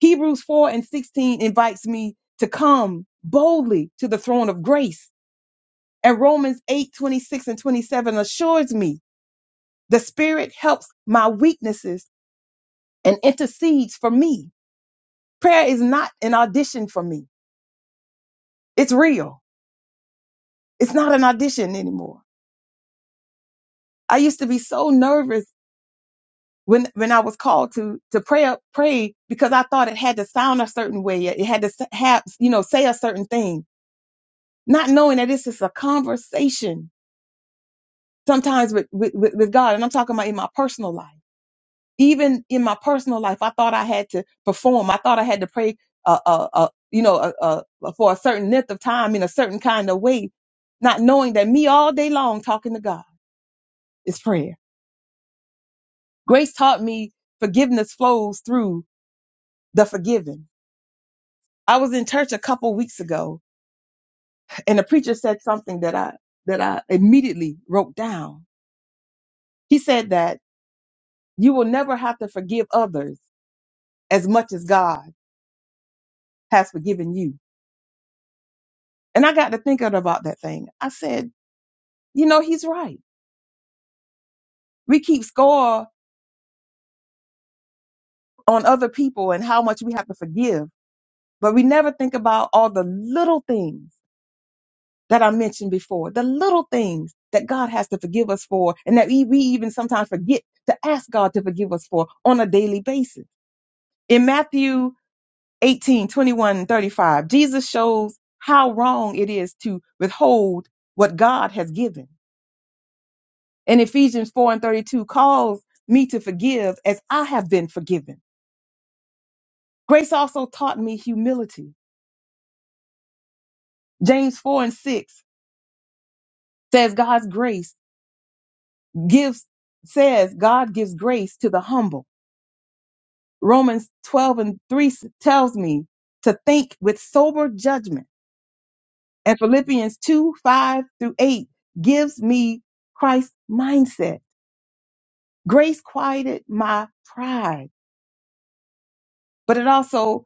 Speaker 3: Hebrews 4 and 16 invites me to come boldly to the throne of grace. And Romans 8, 26 and 27 assures me the Spirit helps my weaknesses and intercedes for me. Prayer is not an audition for me. It's real. It's not an audition anymore. I used to be so nervous when, when I was called to, to pray, pray because I thought it had to sound a certain way. It had to s- have, you know, say a certain thing, not knowing that this is a conversation sometimes with, with with with God, and I'm talking about in my personal life. Even in my personal life, I thought I had to perform. I thought I had to pray, uh, uh, uh you know, uh, uh, for a certain length of time in a certain kind of way, not knowing that me all day long talking to God is prayer. Grace taught me forgiveness flows through the forgiven. I was in church a couple weeks ago, and the preacher said something that I that I immediately wrote down. He said that you will never have to forgive others as much as God has forgiven you. And I got to thinking about that thing. I said, you know, he's right. We keep score on other people and how much we have to forgive, but we never think about all the little things that I mentioned before, the little things that God has to forgive us for and that we, we even sometimes forget to ask God to forgive us for on a daily basis. In Matthew 1821 and 35, Jesus shows how wrong it is to withhold what God has given. And Ephesians 4 and 32 calls me to forgive as I have been forgiven. Grace also taught me humility. James 4 and 6 says God's grace gives, says God gives grace to the humble. Romans 12 and 3 s- tells me to think with sober judgment. And Philippians 2, 5 through 8 gives me Christ's mindset. Grace quieted my pride, but it also,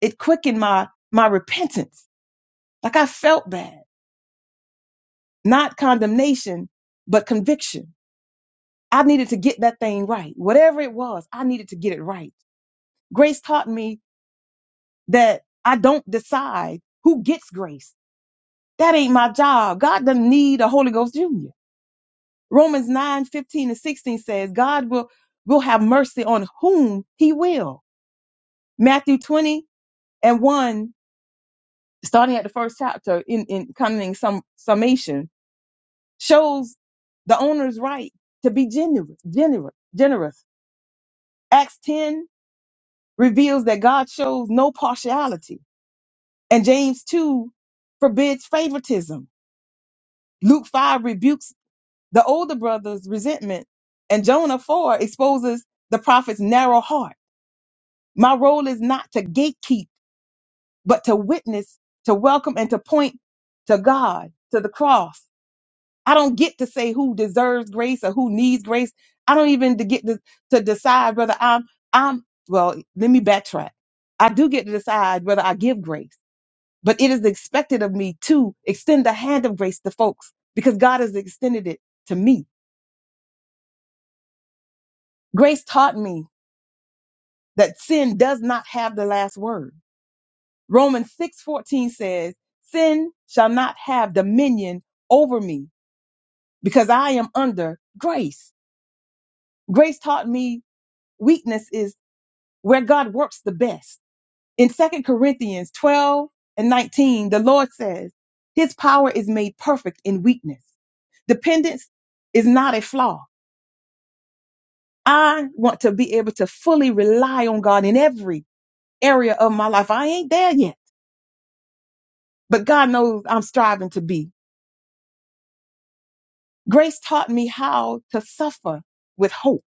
Speaker 3: it quickened my, my repentance Like I felt bad, not condemnation, but conviction. I needed to get that thing right. Whatever it was, I needed to get it right. Grace taught me that I don't decide who gets grace. That ain't my job. God doesn't need a Holy Ghost junior. Romans 9 15 and 16 says God will, will have mercy on whom he will. Matthew 20 and 1, starting at the first chapter in, in kind of in some summation, shows the owner's right to be generous, generous, generous. Acts 10 reveals that God shows no partiality, and James 2 forbids favoritism. Luke 5 rebukes the older brother's resentment, and Jonah 4 exposes the prophet's narrow heart. My role is not to gatekeep, but to witness, to welcome, and to point to God, to the cross I don't get to say who deserves grace or who needs grace. I don't even to get to, to decide whether I'm I'm well, let me backtrack. I do get to decide whether I give grace, but it is expected of me to extend the hand of grace to folks because God has extended it to me. Grace taught me that sin does not have the last word. Romans 6:14 says, "Sin shall not have dominion over me because I am under grace." Grace taught me weakness is where God works the best. In Second Corinthians 12 and 19, the Lord says, His power is made perfect in weakness. Dependence is not a flaw. I want to be able to fully rely on God in every area of my life. I ain't there yet, but God knows I'm striving to be. Grace taught me how to suffer with hope.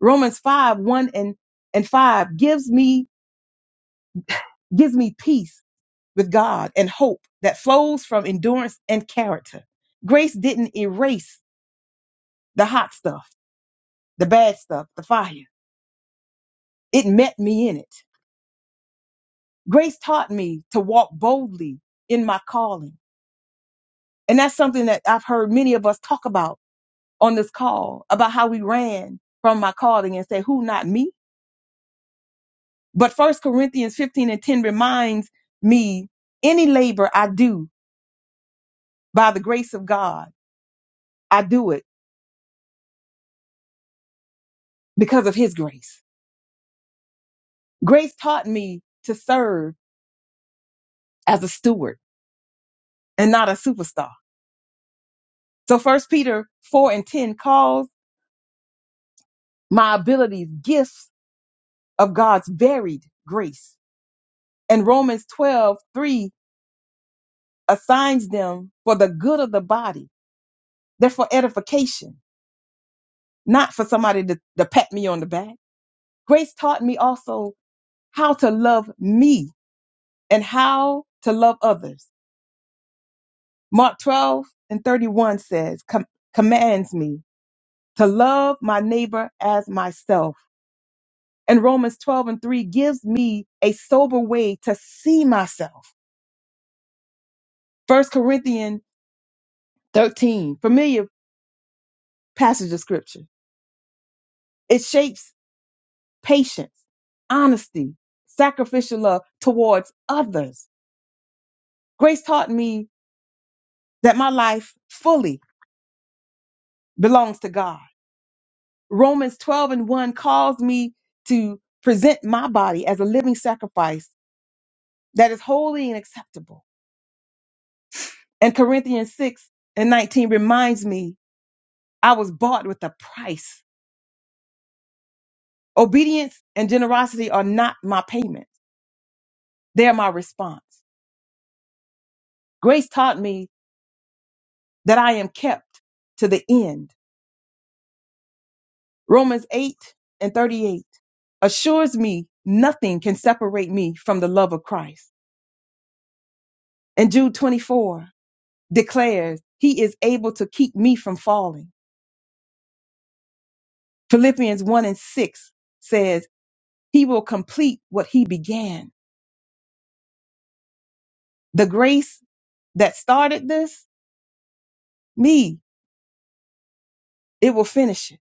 Speaker 3: Romans 5, 1 and, and 5 gives me, gives me peace with God and hope that flows from endurance and character. Grace didn't erase the hot stuff, the bad stuff, the fire. It met me in it. Grace taught me to walk boldly in my calling. And that's something that I've heard many of us talk about on this call about how we ran from my calling and say, who not me? But First Corinthians 15 and 10 reminds me any labor I do by the grace of God, I do it because of his grace. Grace taught me to serve as a steward and not a superstar. So first Peter 4 and 10 calls my abilities gifts of God's varied grace. And Romans 12 3 assigns them for the good of the body. They're for edification, not for somebody to, to pat me on the back. Grace taught me also how to love me and how to love others. Mark 12 and 31 says, com- commands me to love my neighbor as myself. And Romans 12 and 3 gives me a sober way to see myself. First Corinthians 13, familiar passage of scripture. It shapes patience, honesty, sacrificial love towards others. Grace taught me that my life fully belongs to God. Romans 12 and 1 calls me to present my body as a living sacrifice that is holy and acceptable. And Corinthians 6 and 19 reminds me I was bought with a price. Obedience and generosity are not my payment, they are my response. Grace taught me that I am kept to the end. Romans 8 and 38 assures me nothing can separate me from the love of Christ. And Jude 24 declares he is able to keep me from falling. Philippians 1 and 6 says he will complete what he began. The grace that started this, me, it will finish it.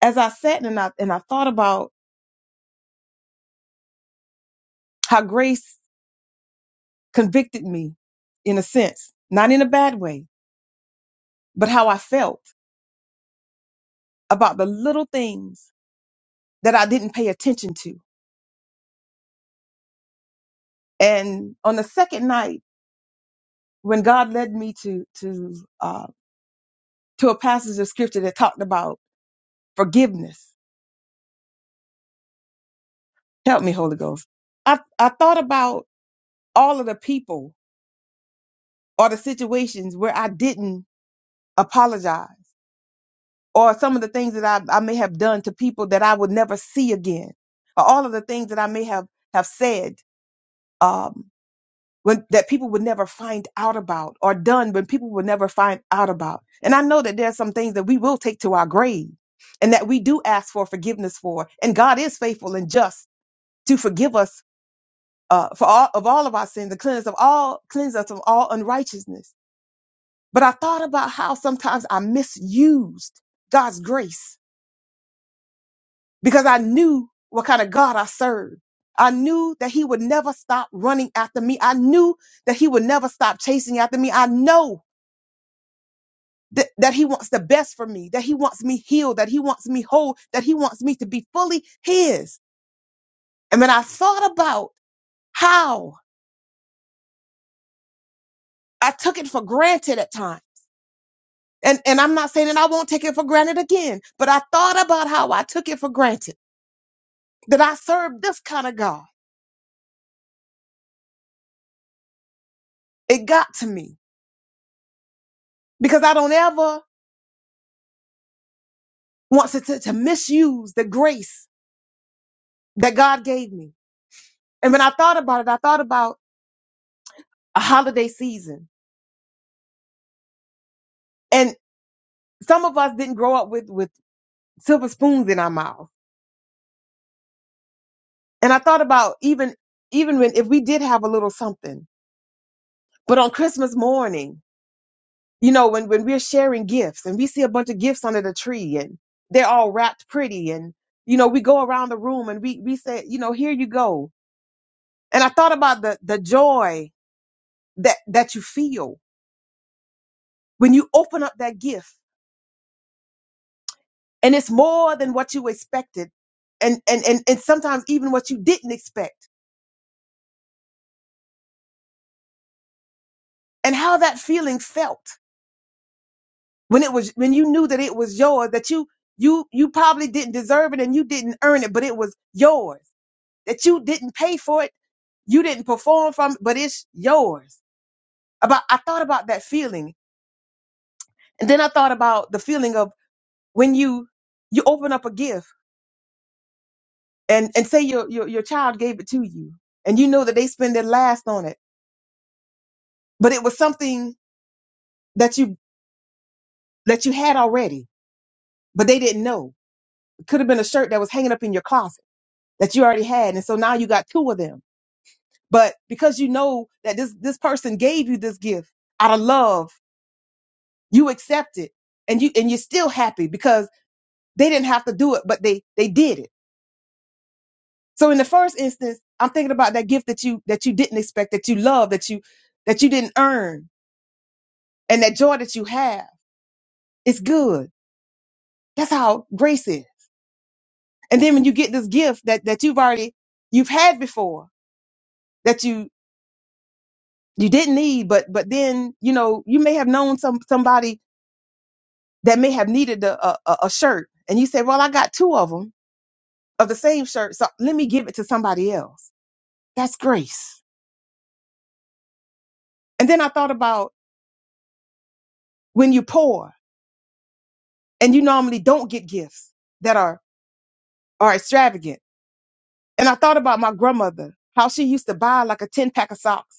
Speaker 3: As I sat and I and I thought about how grace convicted me in a sense, not in a bad way, but how I felt about the little things that I didn't pay attention to. And on the second night, when God led me to to uh, to a passage of scripture that talked about forgiveness, help me, Holy Ghost. I, I thought about all of the people or the situations where I didn't apologize or some of the things that I, I may have done to people that I would never see again, or all of the things that I may have have said um, when, that people would never find out about, or done when people would never find out about. And I know that there's some things that we will take to our grave, and that we do ask for forgiveness for. And God is faithful and just to forgive us uh, for all of all of our sins, and cleanse of all cleanse us of all unrighteousness. But I thought about how sometimes I misused God's grace because I knew what kind of God I served. I knew that he would never stop running after me. I knew that he would never stop chasing after me. I know that, that he wants the best for me, that he wants me healed, that he wants me whole, that he wants me to be fully his. And when I thought about how I took it for granted at times, and, and I'm not saying that I won't take it for granted again, but I thought about how I took it for granted that I served this kind of God. It got to me because I don't ever wants to, to, to misuse the grace that God gave me. And when I thought about it, I thought about a holiday season. And some of us didn't grow up with, with silver spoons in our mouth. And I thought about even, even when, if we did have a little something, but on Christmas morning, you know, when, when we're sharing gifts and we see a bunch of gifts under the tree and they're all wrapped pretty and, you know, we go around the room and we, we say, you know, here you go. And I thought about the, the joy that, that you feel when you open up that gift and it's more than what you expected and and and, and sometimes even what you didn't expect and how that feeling felt when it was when you knew that it was yours that you you you probably didn't deserve it and you didn't earn it but it was yours that you didn't pay for it you didn't perform from it, but it's yours about i thought about that feeling and then i thought about the feeling of when you you open up a gift and and say your your, your child gave it to you and you know that they spend their last on it but it was something that you that you had already, but they didn't know. It could have been a shirt that was hanging up in your closet that you already had, and so now you got two of them. But because you know that this this person gave you this gift out of love, you accept it, and you and you're still happy because they didn't have to do it, but they they did it. So in the first instance, I'm thinking about that gift that you that you didn't expect, that you love, that you that you didn't earn, and that joy that you have. It's good. That's how grace is. And then when you get this gift that, that you've already, you've had before that you, you didn't need, but, but then, you know, you may have known some, somebody that may have needed a, a, a a shirt and you say, well, I got two of them of the same shirt. So let me give it to somebody else. That's grace. And then I thought about when you're poor and you normally don't get gifts that are, are extravagant. And I thought about my grandmother, how she used to buy like a 10 pack of socks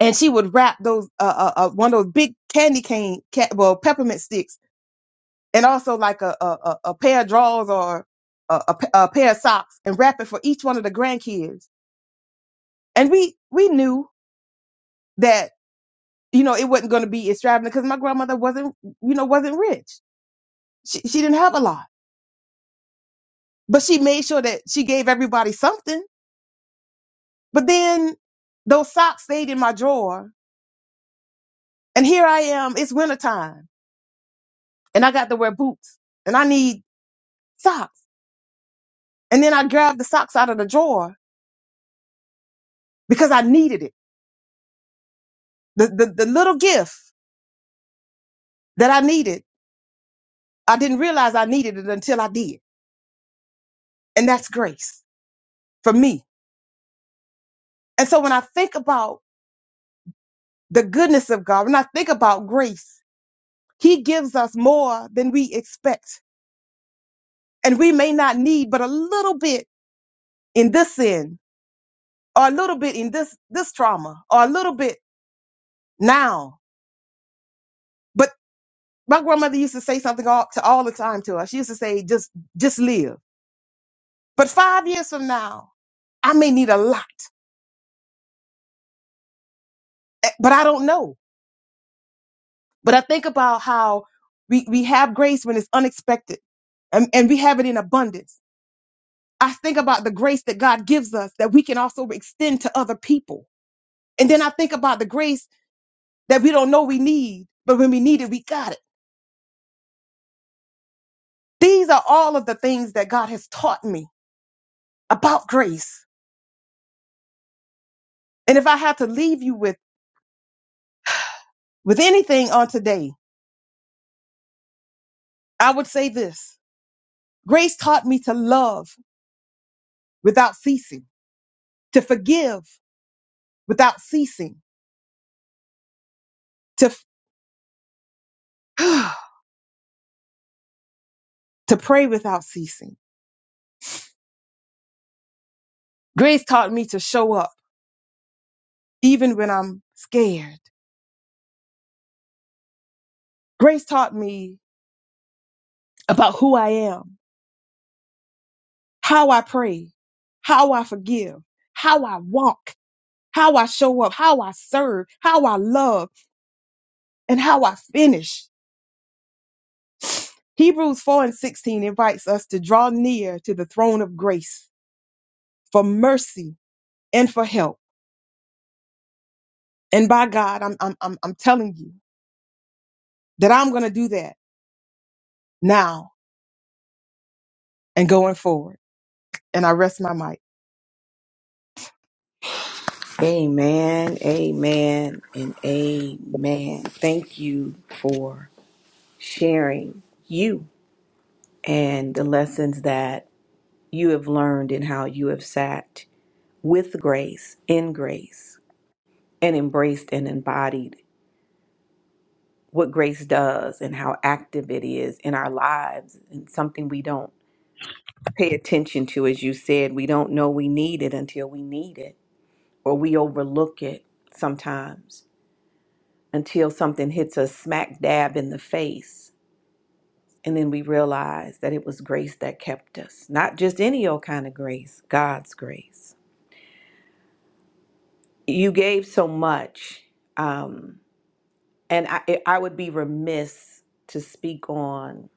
Speaker 3: and she would wrap those uh, uh, uh one of those big candy cane ca- well peppermint sticks and also like a a, a a pair of drawers or a, a p- a pair of socks and wrap it for each one of the grandkids and we we knew that you know it wasn't going to be extravagant because my grandmother wasn't you know wasn't rich she, she didn't have a lot but she made sure that she gave everybody something but then those socks stayed in my drawer and here i am it's wintertime and i got to wear boots and i need socks And then I grabbed the socks out of the drawer because I needed it. The, the, the little gift that I needed, I didn't realize I needed it until I did. And that's grace for me. And so when I think about the goodness of God, when I think about grace, He gives us more than we expect. And we may not need but a little bit in this sin or a little bit in this, this trauma or a little bit now. But my grandmother used to say something all, to all the time to us. She used to say, just, just live. But five years from now, I may need a lot, eh, but I don't know. But I think about how we, we have grace when it's unexpected and, and we have it in abundance. I think about the grace that God gives us that we can also extend to other people. And then I think about the grace that we don't know we need, but when we need it, we got it. These are all of the things that God has taught me about grace. And if I had to leave you with, with anything on today, I would say this grace taught me to love without ceasing, to forgive without ceasing, to, to pray without ceasing. Grace taught me to show up even when I'm scared. Grace taught me about who I am, how I pray, how I forgive, how I walk, how I show up, how I serve, how I love, and how I finish. Hebrews 4 and 16 invites us to draw near to the throne of grace for mercy and for help. And by God, I'm, I'm, I'm, I'm telling you that I'm going to do that now and going forward. And I rest my mic.
Speaker 2: Amen, amen, and amen. Thank you for sharing you and the lessons that you have learned and how you have sat with grace, in grace, and embraced and embodied what grace does and how active it is in our lives and something we don't pay attention to as you said we don't know we need it until we need it or we overlook it sometimes until something hits us smack dab in the face and then we realize that it was grace that kept us not just any old kind of grace god's grace you gave so much um, and I, I would be remiss to speak on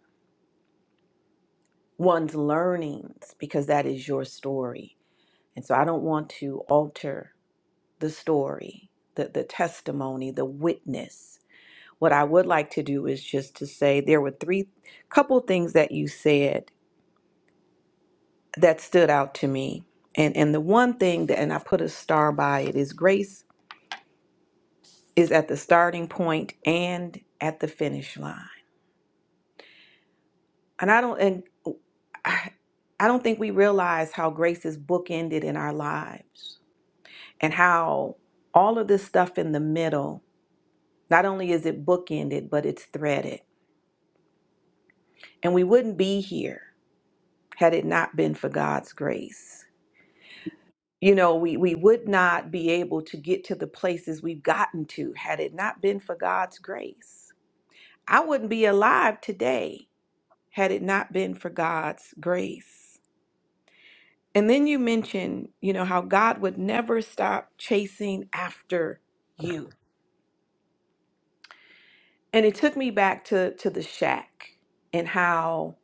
Speaker 2: one's learnings because that is your story. And so I don't want to alter the story, the, the testimony, the witness. What I would like to do is just to say there were three couple things that you said that stood out to me. And and the one thing that and I put a star by it is grace is at the starting point and at the finish line. And I don't and I I don't think we realize how grace is bookended in our lives and how all of this stuff in the middle, not only is it bookended, but it's threaded. And we wouldn't be here had it not been for God's grace. You know, we, we would not be able to get to the places we've gotten to had it not been for God's grace. I wouldn't be alive today had it not been for God's grace. And then you mentioned, you know, how God would never stop chasing after you and it took me back to to the shack and how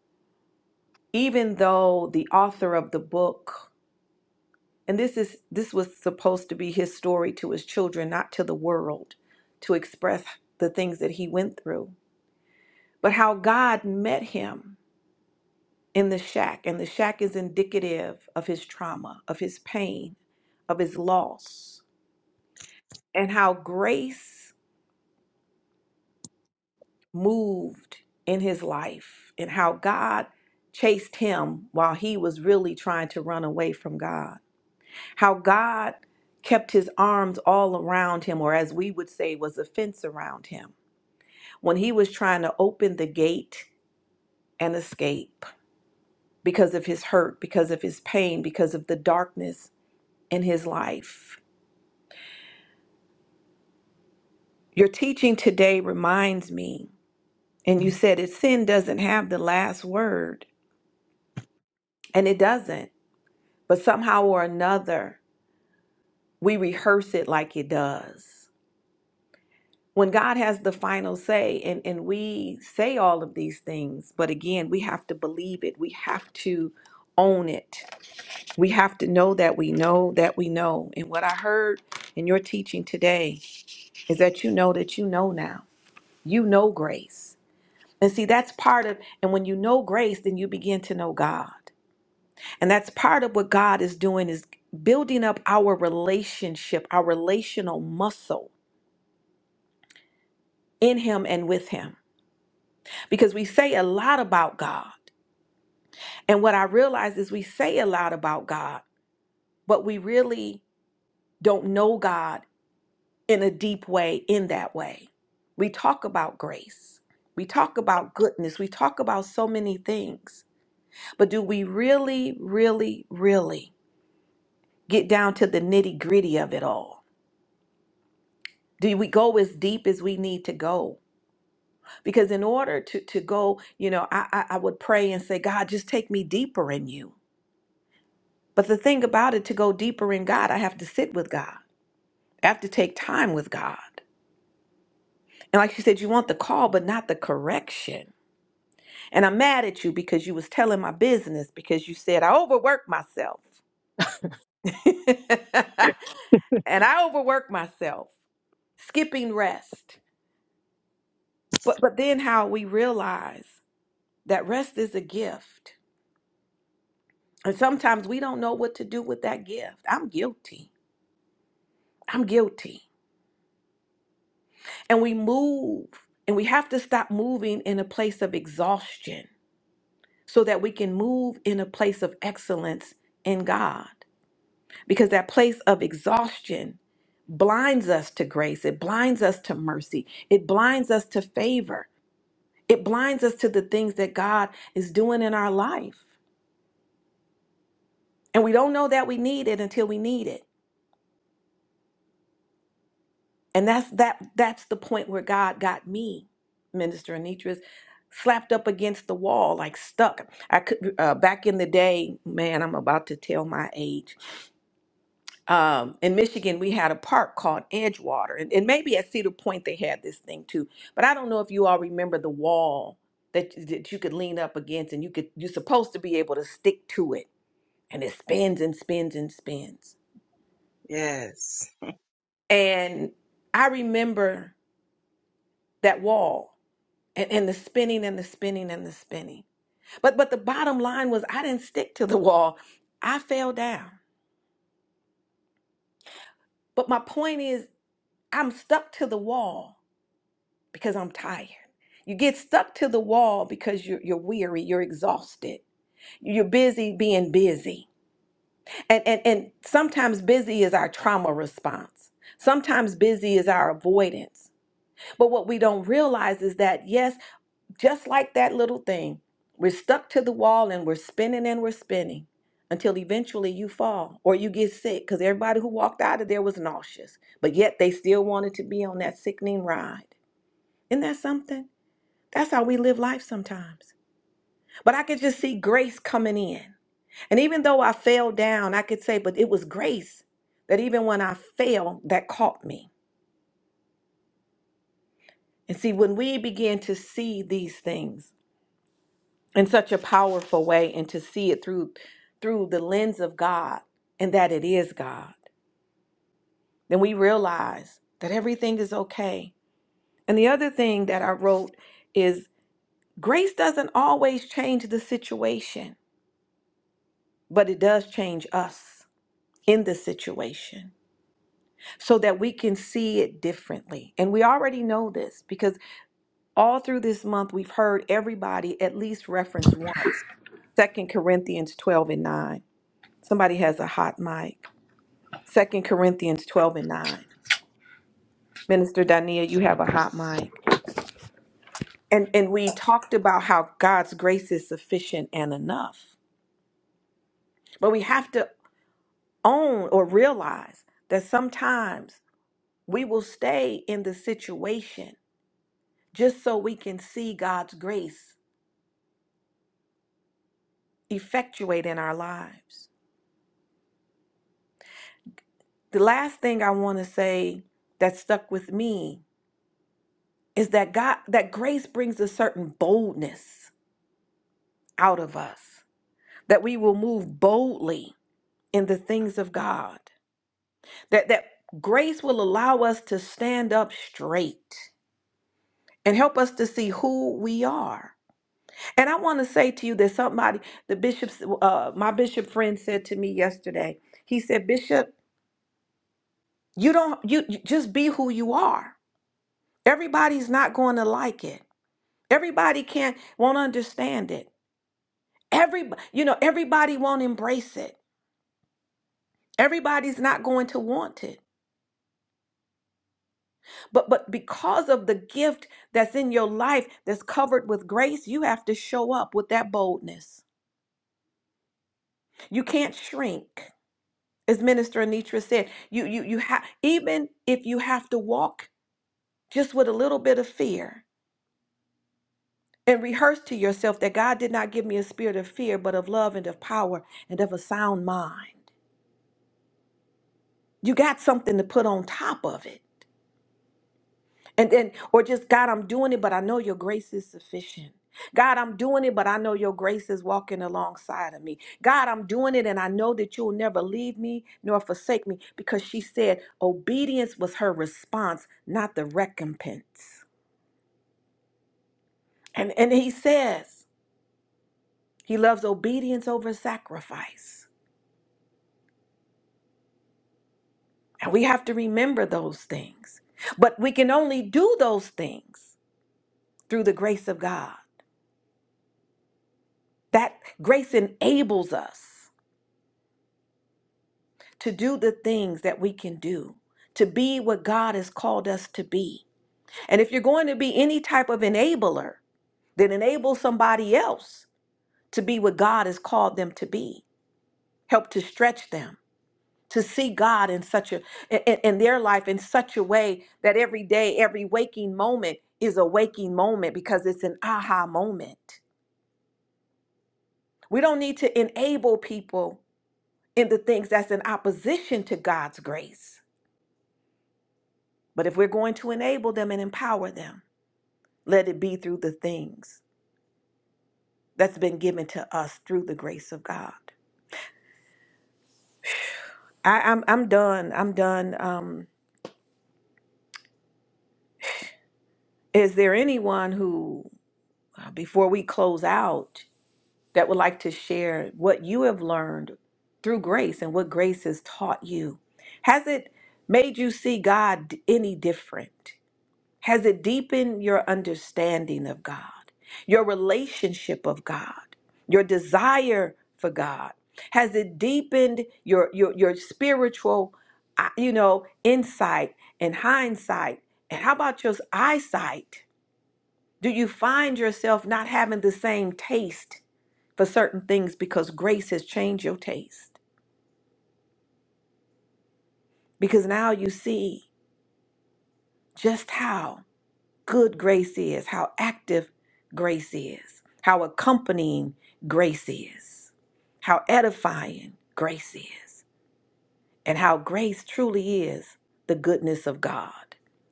Speaker 2: even though the author of the book and this is this was supposed to be his story to his children not to the world to express the things that he went through but how god met him in the shack and the shack is indicative of his trauma of his pain of his loss and how grace moved in his life and how God chased him while he was really trying to run away from God. How God kept his arms all around him, or as we would say, was a fence around him when he was trying to open the gate and escape because of his hurt, because of his pain, because of the darkness in his life. Your teaching today reminds me, and you said it sin doesn't have the last word, and it doesn't. but somehow or another, we rehearse it like it does. When God has the final say, and, and we say all of these things, but again, we have to believe it. We have to own it. We have to know that we know that we know. And what I heard in your teaching today is that you know that you know now. You know grace. And see, that's part of, and when you know grace, then you begin to know God. And that's part of what God is doing is building up our relationship, our relational muscle in him and with him. Because we say a lot about God. And what I realize is we say a lot about God, but we really don't know God in a deep way in that way. We talk about grace. We talk about goodness. We talk about so many things. But do we really, really, really get down to the nitty gritty of it all? do we go as deep as we need to go because in order to to go you know I, I i would pray and say god just take me deeper in you but the thing about it to go deeper in god i have to sit with god i have to take time with god and like you said you want the call but not the correction and i'm mad at you because you was telling my business because you said i overwork myself and i overwork myself skipping rest but but then how we realize that rest is a gift And sometimes we don't know what to do with that gift. I'm guilty. I'm guilty. And we move and we have to stop moving in a place of exhaustion so that we can move in a place of excellence in God. Because that place of exhaustion blinds us to grace, it blinds us to mercy, it blinds us to favor, it blinds us to the things that God is doing in our life. And we don't know that we need it until we need it. And that's that that's the point where God got me, Minister Anitris, slapped up against the wall, like stuck. I could uh, back in the day, man, I'm about to tell my age. Um, in Michigan, we had a park called Edgewater, and, and maybe at Cedar Point they had this thing too. But I don't know if you all remember the wall that that you could lean up against, and you could you're supposed to be able to stick to it, and it spins and spins and spins.
Speaker 4: Yes.
Speaker 2: And I remember that wall and, and the spinning and the spinning and the spinning. But but the bottom line was I didn't stick to the wall. I fell down. But my point is I'm stuck to the wall because I'm tired. You get stuck to the wall because you're you're weary, you're exhausted. You're busy being busy. And and and sometimes busy is our trauma response. Sometimes busy is our avoidance. But what we don't realize is that yes, Just like that little thing, we're stuck to the wall and we're spinning and we're spinning until eventually you fall or you get sick because everybody who walked out of there was nauseous, but yet they still wanted to be on that sickening ride. Isn't that something? That's how we live life sometimes. But I could just see grace coming in. And even though I fell down, I could say, but it was grace that even when I fell, that caught me. And see, when we begin to see these things, in such a powerful way and to see it through through the lens of God and that it is God, then we realize that everything is okay. And the other thing that I wrote is grace doesn't always change the situation, but it does change us in the situation so that we can see it differently. And we already know this because all through this month we've heard everybody at least reference once Second Corinthians 12 and 9. Somebody has a hot mic. Second Corinthians 12 and 9. Minister Dania, you have a hot mic. And and we talked about how God's grace is sufficient and enough. But we have to own or realize that sometimes we will stay in the situation just so we can see God's grace effectuate in our lives. The last thing I want to say that stuck with me is that God that grace brings a certain boldness out of us. that we will move boldly in the things of God, that, that grace will allow us to stand up straight and help us to see who we are. And I want to say to you that somebody, the bishop's, uh, my bishop friend said to me yesterday, he said, Bishop, you don't, you you just be who you are. Everybody's not going to like it. Everybody can't, won't understand it. Every, you know, everybody won't embrace it. Everybody's not going to want it. But but because of the gift that's in your life that's covered with grace, you have to show up with that boldness. You can't shrink. As Minister Anitra said, you you you have even if you have to walk just with a little bit of fear and rehearse to yourself that God did not give me a spirit of fear, but of love and of power and of a sound mind. You got something to put on top of it. and then or just god i'm doing it but i know your grace is sufficient god i'm doing it but i know your grace is walking alongside of me god i'm doing it and i know that you'll never leave me nor forsake me because she said obedience was her response not the recompense and and he says he loves obedience over sacrifice and we have to remember those things but we can only do those things through the grace of god that grace enables us to do the things that we can do, to be what God has called us to be. And if you're going to be any type of enabler, then enable somebody else to be what God has called them to be. Help to stretch them to see God in such a in, in their life in such a way that every day, every waking moment is a waking moment because it's an aha moment. We don't need to enable people in the things that's in opposition to God's grace. But if we're going to enable them and empower them, let it be through the things that's been given to us through the grace of God. I, I'm I'm done. I'm done. Um, is there anyone who, uh, before we close out, that would like to share what you have learned through grace and what grace has taught you? Has it made you see God d- any different? Has it deepened your understanding of God, your relationship of God, your desire for God? Has it deepened your your, your spiritual, uh, you know, insight and hindsight? And how about your eyesight? Do you find yourself not having the same taste for certain things because grace has changed your taste? Because now you see just how. good grace is, how active grace is, how accompanying grace is, how edifying grace is, and how grace truly is the goodness of God.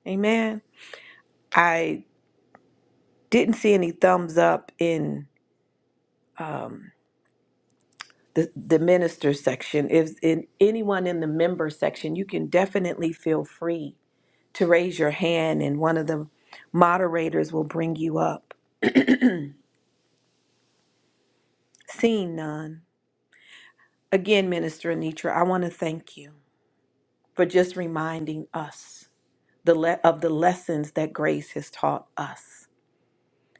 Speaker 2: Amen. I didn't see any thumbs up in the, the minister section. If in anyone in the member section, you can definitely feel free to raise your hand and one of the moderators will bring you up. Seeing none. Again, Minister Anitra, I want to thank you for just reminding us the le- of the lessons that grace has taught us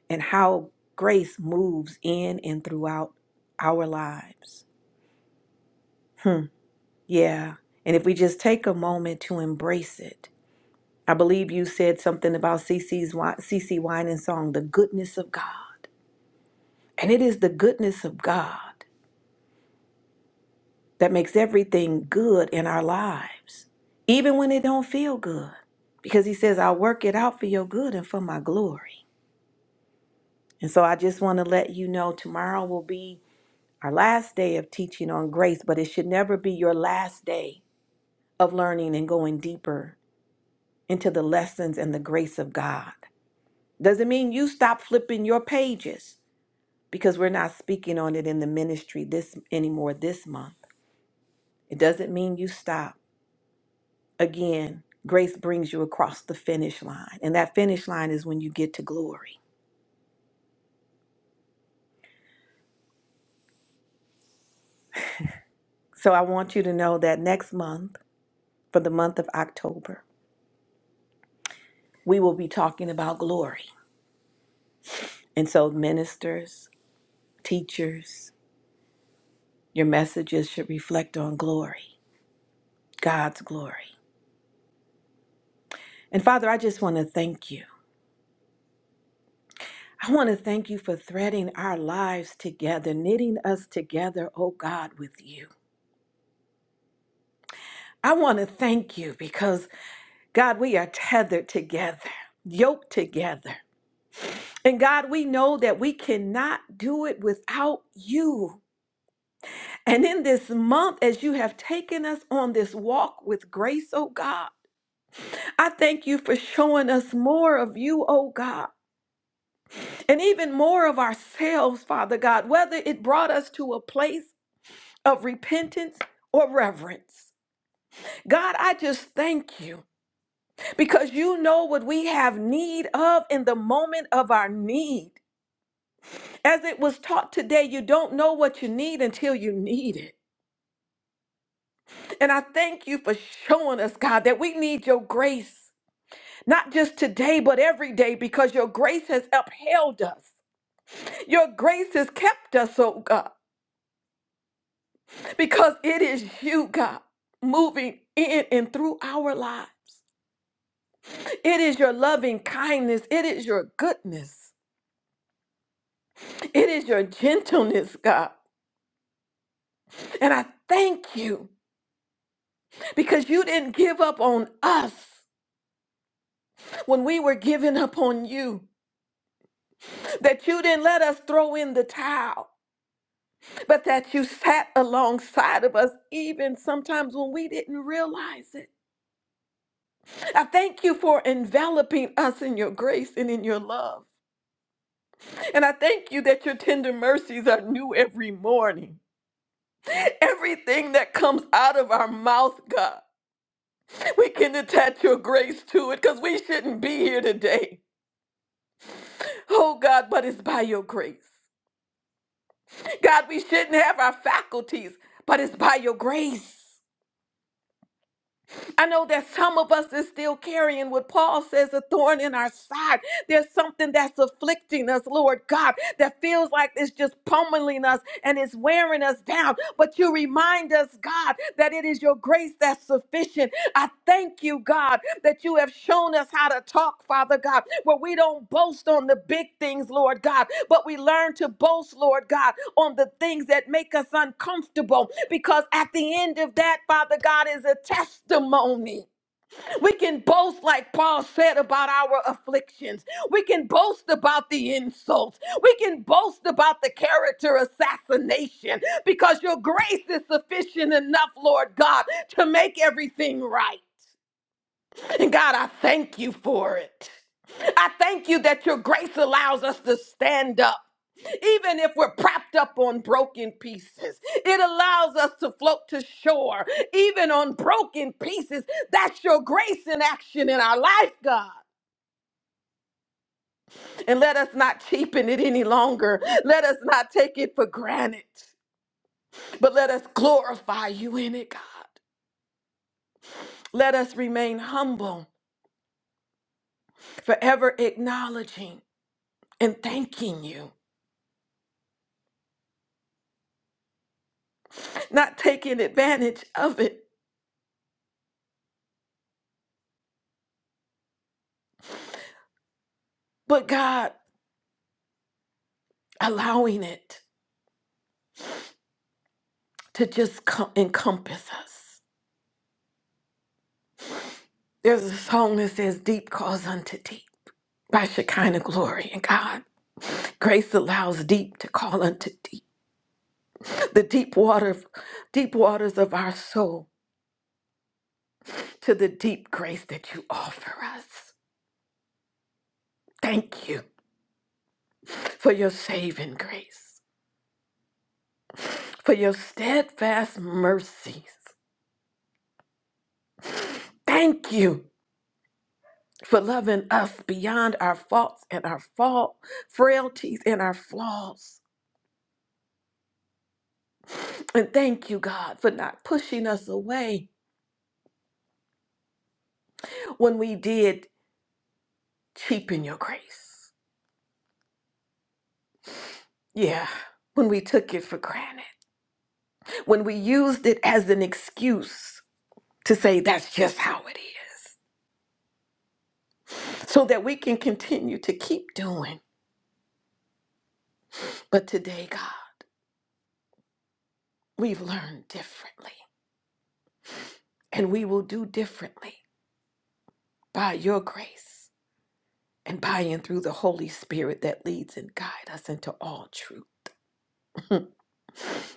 Speaker 2: and how grace moves in and throughout our lives. Hmm. Yeah. And if we just take a moment to embrace it, I believe you said something about CC's wi- CC Wine and Song, the goodness of God. And it is the goodness of God that makes everything good in our lives, even when it don't feel good. Because he says, I'll work it out for your good and for my glory. And so I just want to let you know tomorrow will be our last day of teaching on grace, but it should never be your last day of learning and going deeper into the lessons and the grace of God. Doesn't mean you stop flipping your pages because we're not speaking on it in the ministry this anymore this month. It doesn't mean you stop again, grace brings you across the finish line. And that finish line is when you get to glory. So I want you to know that next month, for the month of October, we will be talking about glory. And so, ministers, teachers, your messages should reflect on glory, God's glory. And Father, I just want to thank you. I want to thank you for threading our lives together, knitting us together, oh God, with you. I want to thank you because God, we are tethered together, yoked together. And God, we know that we cannot do it without you. And in this month, as you have taken us on this walk with grace, oh God, I thank you for showing us more of you, oh God, and even more of ourselves, Father God, whether it brought us to a place of repentance or reverence. God, I just thank you because you know what we have need of in the moment of our need. As it was taught today, you don't know what you need until you need it. And I thank you for showing us, God, that we need your grace, not just today, but every day, because your grace has upheld us. Your grace has kept us, oh God, because it is you, God, moving in and through our lives. It is your loving kindness, it is your goodness, it is your gentleness, God. And I thank you because you didn't give up on us. when we were giving up on you, that you didn't let us throw in the towel, but that you sat alongside of us, even sometimes when we didn't realize it. I thank you for enveloping us in your grace and in your love. And I thank you that your tender mercies are new every morning. Everything that comes out of our mouth, God, we can attach your grace to it because we shouldn't be here today. Oh, God, but it's by your grace. God, we shouldn't have our faculties, but it's by your grace. I know that some of us is still carrying what Paul says a thorn in our side. There's something that's afflicting us, Lord God, that feels like it's just pummeling us and it's wearing us down. But you remind us, God, that it is your grace that's sufficient. I Thank you, God, that you have shown us how to talk, Father God, where we don't boast on the big things, Lord God, but we learn to boast, Lord God, on the things that make us uncomfortable. Because at the end of that, Father God, is a testimony. We can boast, like Paul said, about our afflictions. We can boast about the insults. We can boast about the character assassination because your grace is sufficient enough, Lord God, to make everything right. And God, I thank you for it. I thank you that your grace allows us to stand up. Even if we're propped up on broken pieces, it allows us to float to shore, even on broken pieces. That's your grace in action in our life, God. And let us not cheapen it any longer. Let us not take it for granted, but let us glorify you in it, God. Let us remain humble, forever acknowledging and thanking you. not taking advantage of it, but God allowing it to just co- encompass us. There's a song that says, Deep calls unto deep by Shekinah glory. And God, grace allows deep to call unto deep. The deep water, deep waters of our soul to the deep grace that you offer us. Thank you for your saving grace, for your steadfast mercies. Thank you for loving us beyond our faults and our fault frailties and our flaws. And thank you, God, for not pushing us away when we did cheapen your grace. Yeah, when we took it for granted, when we used it as an excuse to say that's just how it is, so that we can continue to keep doing. But today, God, we've learned differently and we will do differently by your grace. and by and through the Holy Spirit that leads and guides us into all truth.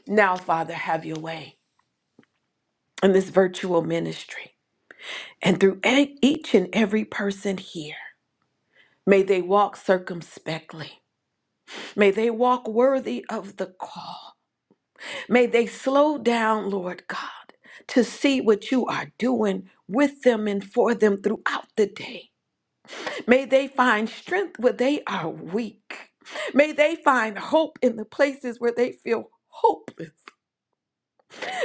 Speaker 2: Now, Father, have your way in this virtual ministry and through e- each and every person here. May they walk circumspectly. May they walk worthy of the call. May they slow down, Lord God, to see what you are doing with them and for them throughout the day. May they find strength where they are weak. May they find hope in the places where they feel hopeless.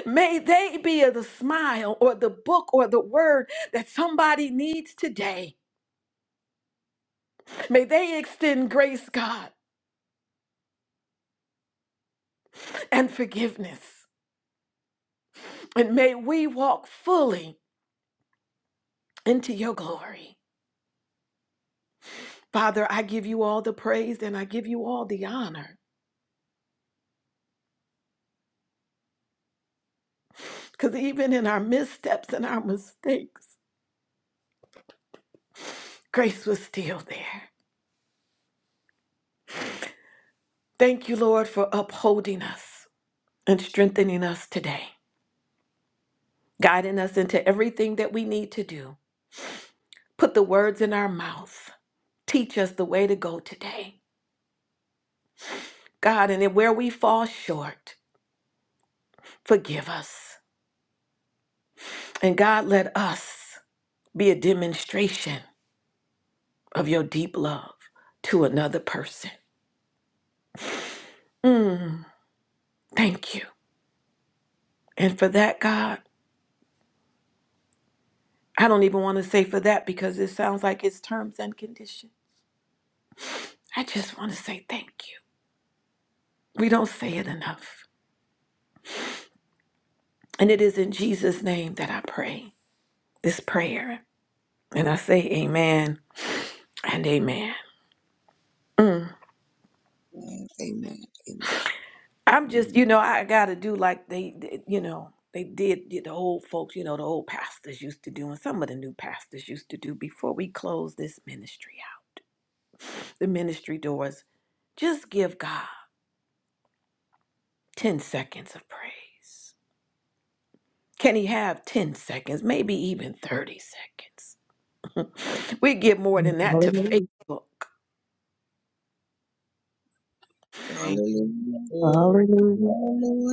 Speaker 2: May they be the smile or the book or the word that somebody needs today. May they extend grace, God, and forgiveness. And may we walk fully into your glory. Father, I give you all the praise and I give you all the honor because even in our missteps and our mistakes, grace was still there. Thank you, Lord, for upholding us and strengthening us today, guiding us into everything that we need to do. Put the words in our mouth. Teach us the way to go today. God, and then where we fall short, forgive us. And God, let us be a demonstration of your deep love to another person. Mm, thank you. And for that, God, I don't even want to say for that because it sounds like it's terms and conditions. I just want to say thank you. We don't say it enough. And it is in Jesus' name that I pray this prayer. And I say amen and amen.
Speaker 5: Amen. Amen. Amen.
Speaker 2: I'm just, you know, I got to do like they, did, you know, they did, did the old folks, you know, the old pastors used to do, and some of the new pastors used to do before we close this ministry out. The ministry doors, just give God 10 seconds of praise. Can he have 10 seconds, maybe even 30 seconds? We give more than that to
Speaker 3: Hallelujah.
Speaker 2: Facebook.
Speaker 4: Thank you,
Speaker 5: Hallelujah.
Speaker 4: Lord.
Speaker 3: Hallelujah.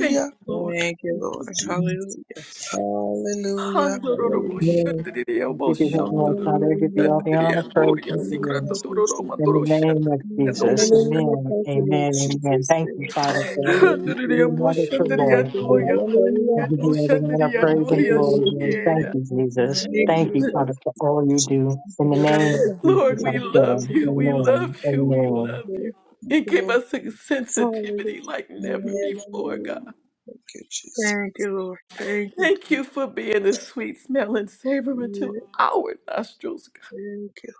Speaker 2: Thank you, Lord.
Speaker 4: Thank you,
Speaker 5: Thank you,
Speaker 4: Lord.
Speaker 5: Jesus.
Speaker 4: Hallelujah.
Speaker 5: Hallelujah.
Speaker 4: Thank
Speaker 2: Handororobo
Speaker 4: you,
Speaker 5: Hallelujah.
Speaker 3: Yes.
Speaker 2: shandiriya bo
Speaker 6: We do have the Lord
Speaker 2: shandororobo
Speaker 6: Father, give you
Speaker 5: Hallelujah.
Speaker 6: all the
Speaker 2: shandiriya
Speaker 6: honor,
Speaker 4: Lord.
Speaker 6: praise,
Speaker 2: ndoriya
Speaker 6: and
Speaker 5: Glory,
Speaker 4: Hallelujah.
Speaker 6: glory.
Speaker 2: sikrando
Speaker 5: Thank you,
Speaker 2: dororo
Speaker 5: Jesus.
Speaker 6: In
Speaker 2: mandoro
Speaker 6: the name of
Speaker 2: shandiriya ndoro
Speaker 6: Jesus,
Speaker 5: Hallelujah.
Speaker 6: amen,
Speaker 5: Thank you, Lord
Speaker 6: amen,
Speaker 5: Jesus.
Speaker 6: amen. Thank you, Father, for all that
Speaker 5: Glory,
Speaker 6: you do
Speaker 2: shandiriya
Speaker 5: glory,
Speaker 6: and
Speaker 2: mo
Speaker 6: all that
Speaker 5: glory.
Speaker 6: you're
Speaker 2: shandiriya
Speaker 6: going to do.
Speaker 2: ndoriya
Speaker 5: Hallelujah.
Speaker 2: mandiriya
Speaker 6: I'll give
Speaker 2: no
Speaker 6: you all the honor,
Speaker 2: shandiriya
Speaker 5: Now
Speaker 6: praise,
Speaker 5: to the
Speaker 6: and
Speaker 2: ndoriya
Speaker 6: glory.
Speaker 4: Glory to
Speaker 6: Lord.
Speaker 5: glory.
Speaker 4: your
Speaker 6: Thank
Speaker 2: shikiela.
Speaker 4: name.
Speaker 6: you,
Speaker 4: Thank
Speaker 6: Jesus.
Speaker 4: you,
Speaker 6: Thank you,
Speaker 5: Hallelujah.
Speaker 6: Father,
Speaker 4: Jesus.
Speaker 6: for all you
Speaker 5: Jesus.
Speaker 6: do. In the name of
Speaker 2: Lord,
Speaker 6: Jesus,
Speaker 5: Thank
Speaker 2: we
Speaker 6: I
Speaker 5: you,
Speaker 2: love
Speaker 6: pray.
Speaker 2: you, we
Speaker 5: Jesus.
Speaker 2: love
Speaker 6: Amen,
Speaker 2: you, we
Speaker 4: Yes,
Speaker 6: amen.
Speaker 2: love you.
Speaker 4: Lord.
Speaker 5: Thank
Speaker 2: And
Speaker 5: you,
Speaker 2: give
Speaker 5: Lord.
Speaker 2: us a
Speaker 5: Jesus.
Speaker 2: sensitivity
Speaker 4: Hallelujah.
Speaker 2: like never
Speaker 4: Yes.
Speaker 2: before,
Speaker 5: Hallelujah.
Speaker 2: God.
Speaker 5: Thank you, Jesus.
Speaker 4: Thank you, Lord. Thank you,
Speaker 2: Thank
Speaker 4: Jesus.
Speaker 2: you for being a sweet smell and savor unto
Speaker 4: Yeah,
Speaker 2: our nostrils. God.
Speaker 4: Thank you.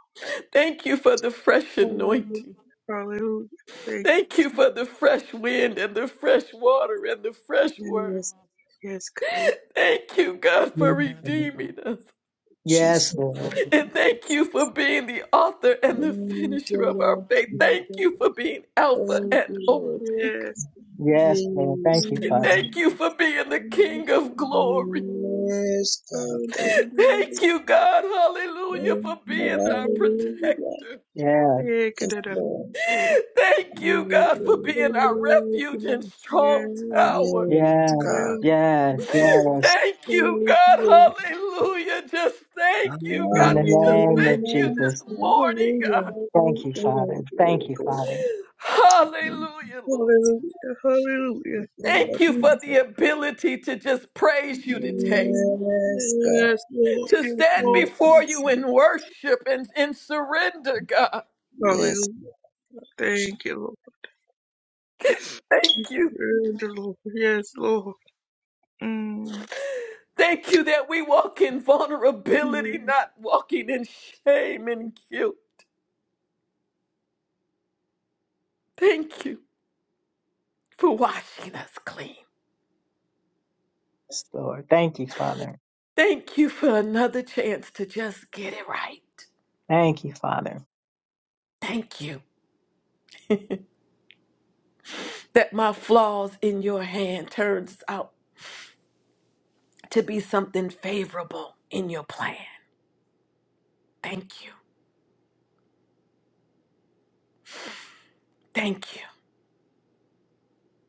Speaker 2: Thank you for the fresh
Speaker 4: Hallelujah.
Speaker 2: anointing.
Speaker 4: Hallelujah. Thank you.
Speaker 2: Thank you for the fresh wind and the fresh water and the fresh word.
Speaker 4: Yes. Yes, God.
Speaker 2: Thank you, God, for redeeming us.
Speaker 6: Yes, Lord. Yes,
Speaker 5: Jesus.
Speaker 6: Lord.
Speaker 2: And thank you for being the author and the
Speaker 5: Thank
Speaker 2: finisher
Speaker 5: you,
Speaker 2: of our
Speaker 5: Lord.
Speaker 2: faith. Thank
Speaker 5: Jesus.
Speaker 2: you for being Alpha
Speaker 5: Thank
Speaker 2: and
Speaker 5: you, Lord.
Speaker 2: Omega.
Speaker 4: Yes.
Speaker 6: Yes, Lord. Thank
Speaker 5: Yes,
Speaker 6: you,
Speaker 4: Hallelujah,
Speaker 6: Father.
Speaker 2: Thank you for being the
Speaker 4: hallelujah.
Speaker 2: King of glory.
Speaker 4: Yes,
Speaker 5: Yes, God. Thank
Speaker 2: Thank you, God, hallelujah,
Speaker 5: you.
Speaker 2: for being our
Speaker 5: Hallelujah.
Speaker 2: protector.
Speaker 6: Yeah,
Speaker 5: Yes, Lord.
Speaker 2: Thank you, God, for
Speaker 5: Hallelujah.
Speaker 2: being our refuge and strong tower.
Speaker 6: yeah,
Speaker 5: Yes, God.
Speaker 6: yeah,
Speaker 5: Thank you.
Speaker 6: yes.
Speaker 2: Thank you, God. Hallelujah. Just thank you,
Speaker 6: In
Speaker 2: God.
Speaker 6: the
Speaker 2: We just
Speaker 6: name of
Speaker 2: thank
Speaker 5: Hallelujah.
Speaker 2: you
Speaker 6: Jesus.
Speaker 2: this morning,
Speaker 5: Hallelujah.
Speaker 2: God.
Speaker 6: Thank you, Father.
Speaker 5: Glory,
Speaker 6: Thank
Speaker 5: glory,
Speaker 6: you,
Speaker 5: glory.
Speaker 6: Father.
Speaker 5: Thank
Speaker 2: Hallelujah, Lord.
Speaker 5: you,
Speaker 2: Thank
Speaker 5: Lord
Speaker 2: you for the
Speaker 5: Jesus.
Speaker 2: ability to just praise you today,
Speaker 5: Yes, God.
Speaker 4: Lord,
Speaker 2: to
Speaker 4: yes,
Speaker 2: stand
Speaker 5: Thank
Speaker 4: Lord.
Speaker 5: you,
Speaker 2: before you
Speaker 5: Jesus.
Speaker 2: in worship and in surrender, God.
Speaker 4: Hallelujah.
Speaker 5: Yes.
Speaker 4: Thank you, Lord.
Speaker 2: Thank you.
Speaker 4: Yes, Lord. Yes, Lord. Mm.
Speaker 2: Thank you that we walk in vulnerability, not walking in shame and guilt. Thank you for washing us clean.
Speaker 6: Yes, Lord. Thank you, Father.
Speaker 2: Thank you for another chance to just get it right.
Speaker 6: Thank you, Father.
Speaker 2: Thank you that my flaws in your hand turns out to be something favorable in your plan. Thank you. Thank you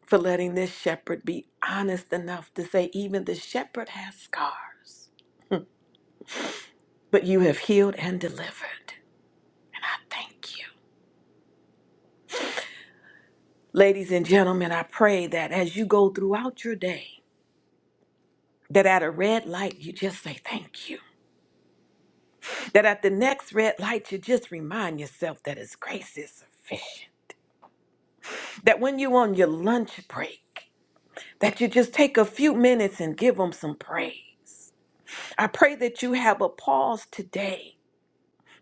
Speaker 2: for letting this shepherd be honest enough to say even the shepherd has scars, but you have healed and delivered. And I thank you. Ladies and gentlemen, I pray that as you go throughout your day, that at a red light you just say thank you. That at the next red light you just remind yourself that his grace is sufficient that when you on your lunch break, that you just take a few minutes and give him some praise. I pray that you have a pause today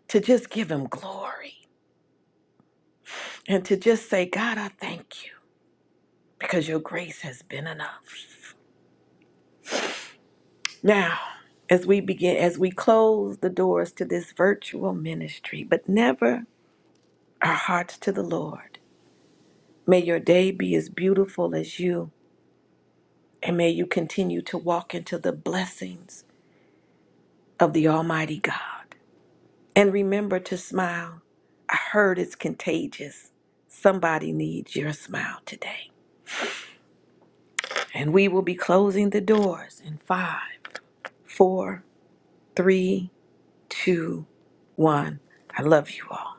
Speaker 2: to just give him glory and to just say, God, I thank you because your grace has been enough. Now, as we begin, as we close the doors to this virtual ministry, but never our hearts to the Lord, may your day be as beautiful as you, and may you continue to walk into the blessings of the Almighty God. And remember to smile. I heard it's contagious. Somebody needs your smile today. And we will be closing the doors in five, four, three, two, one. I love you all.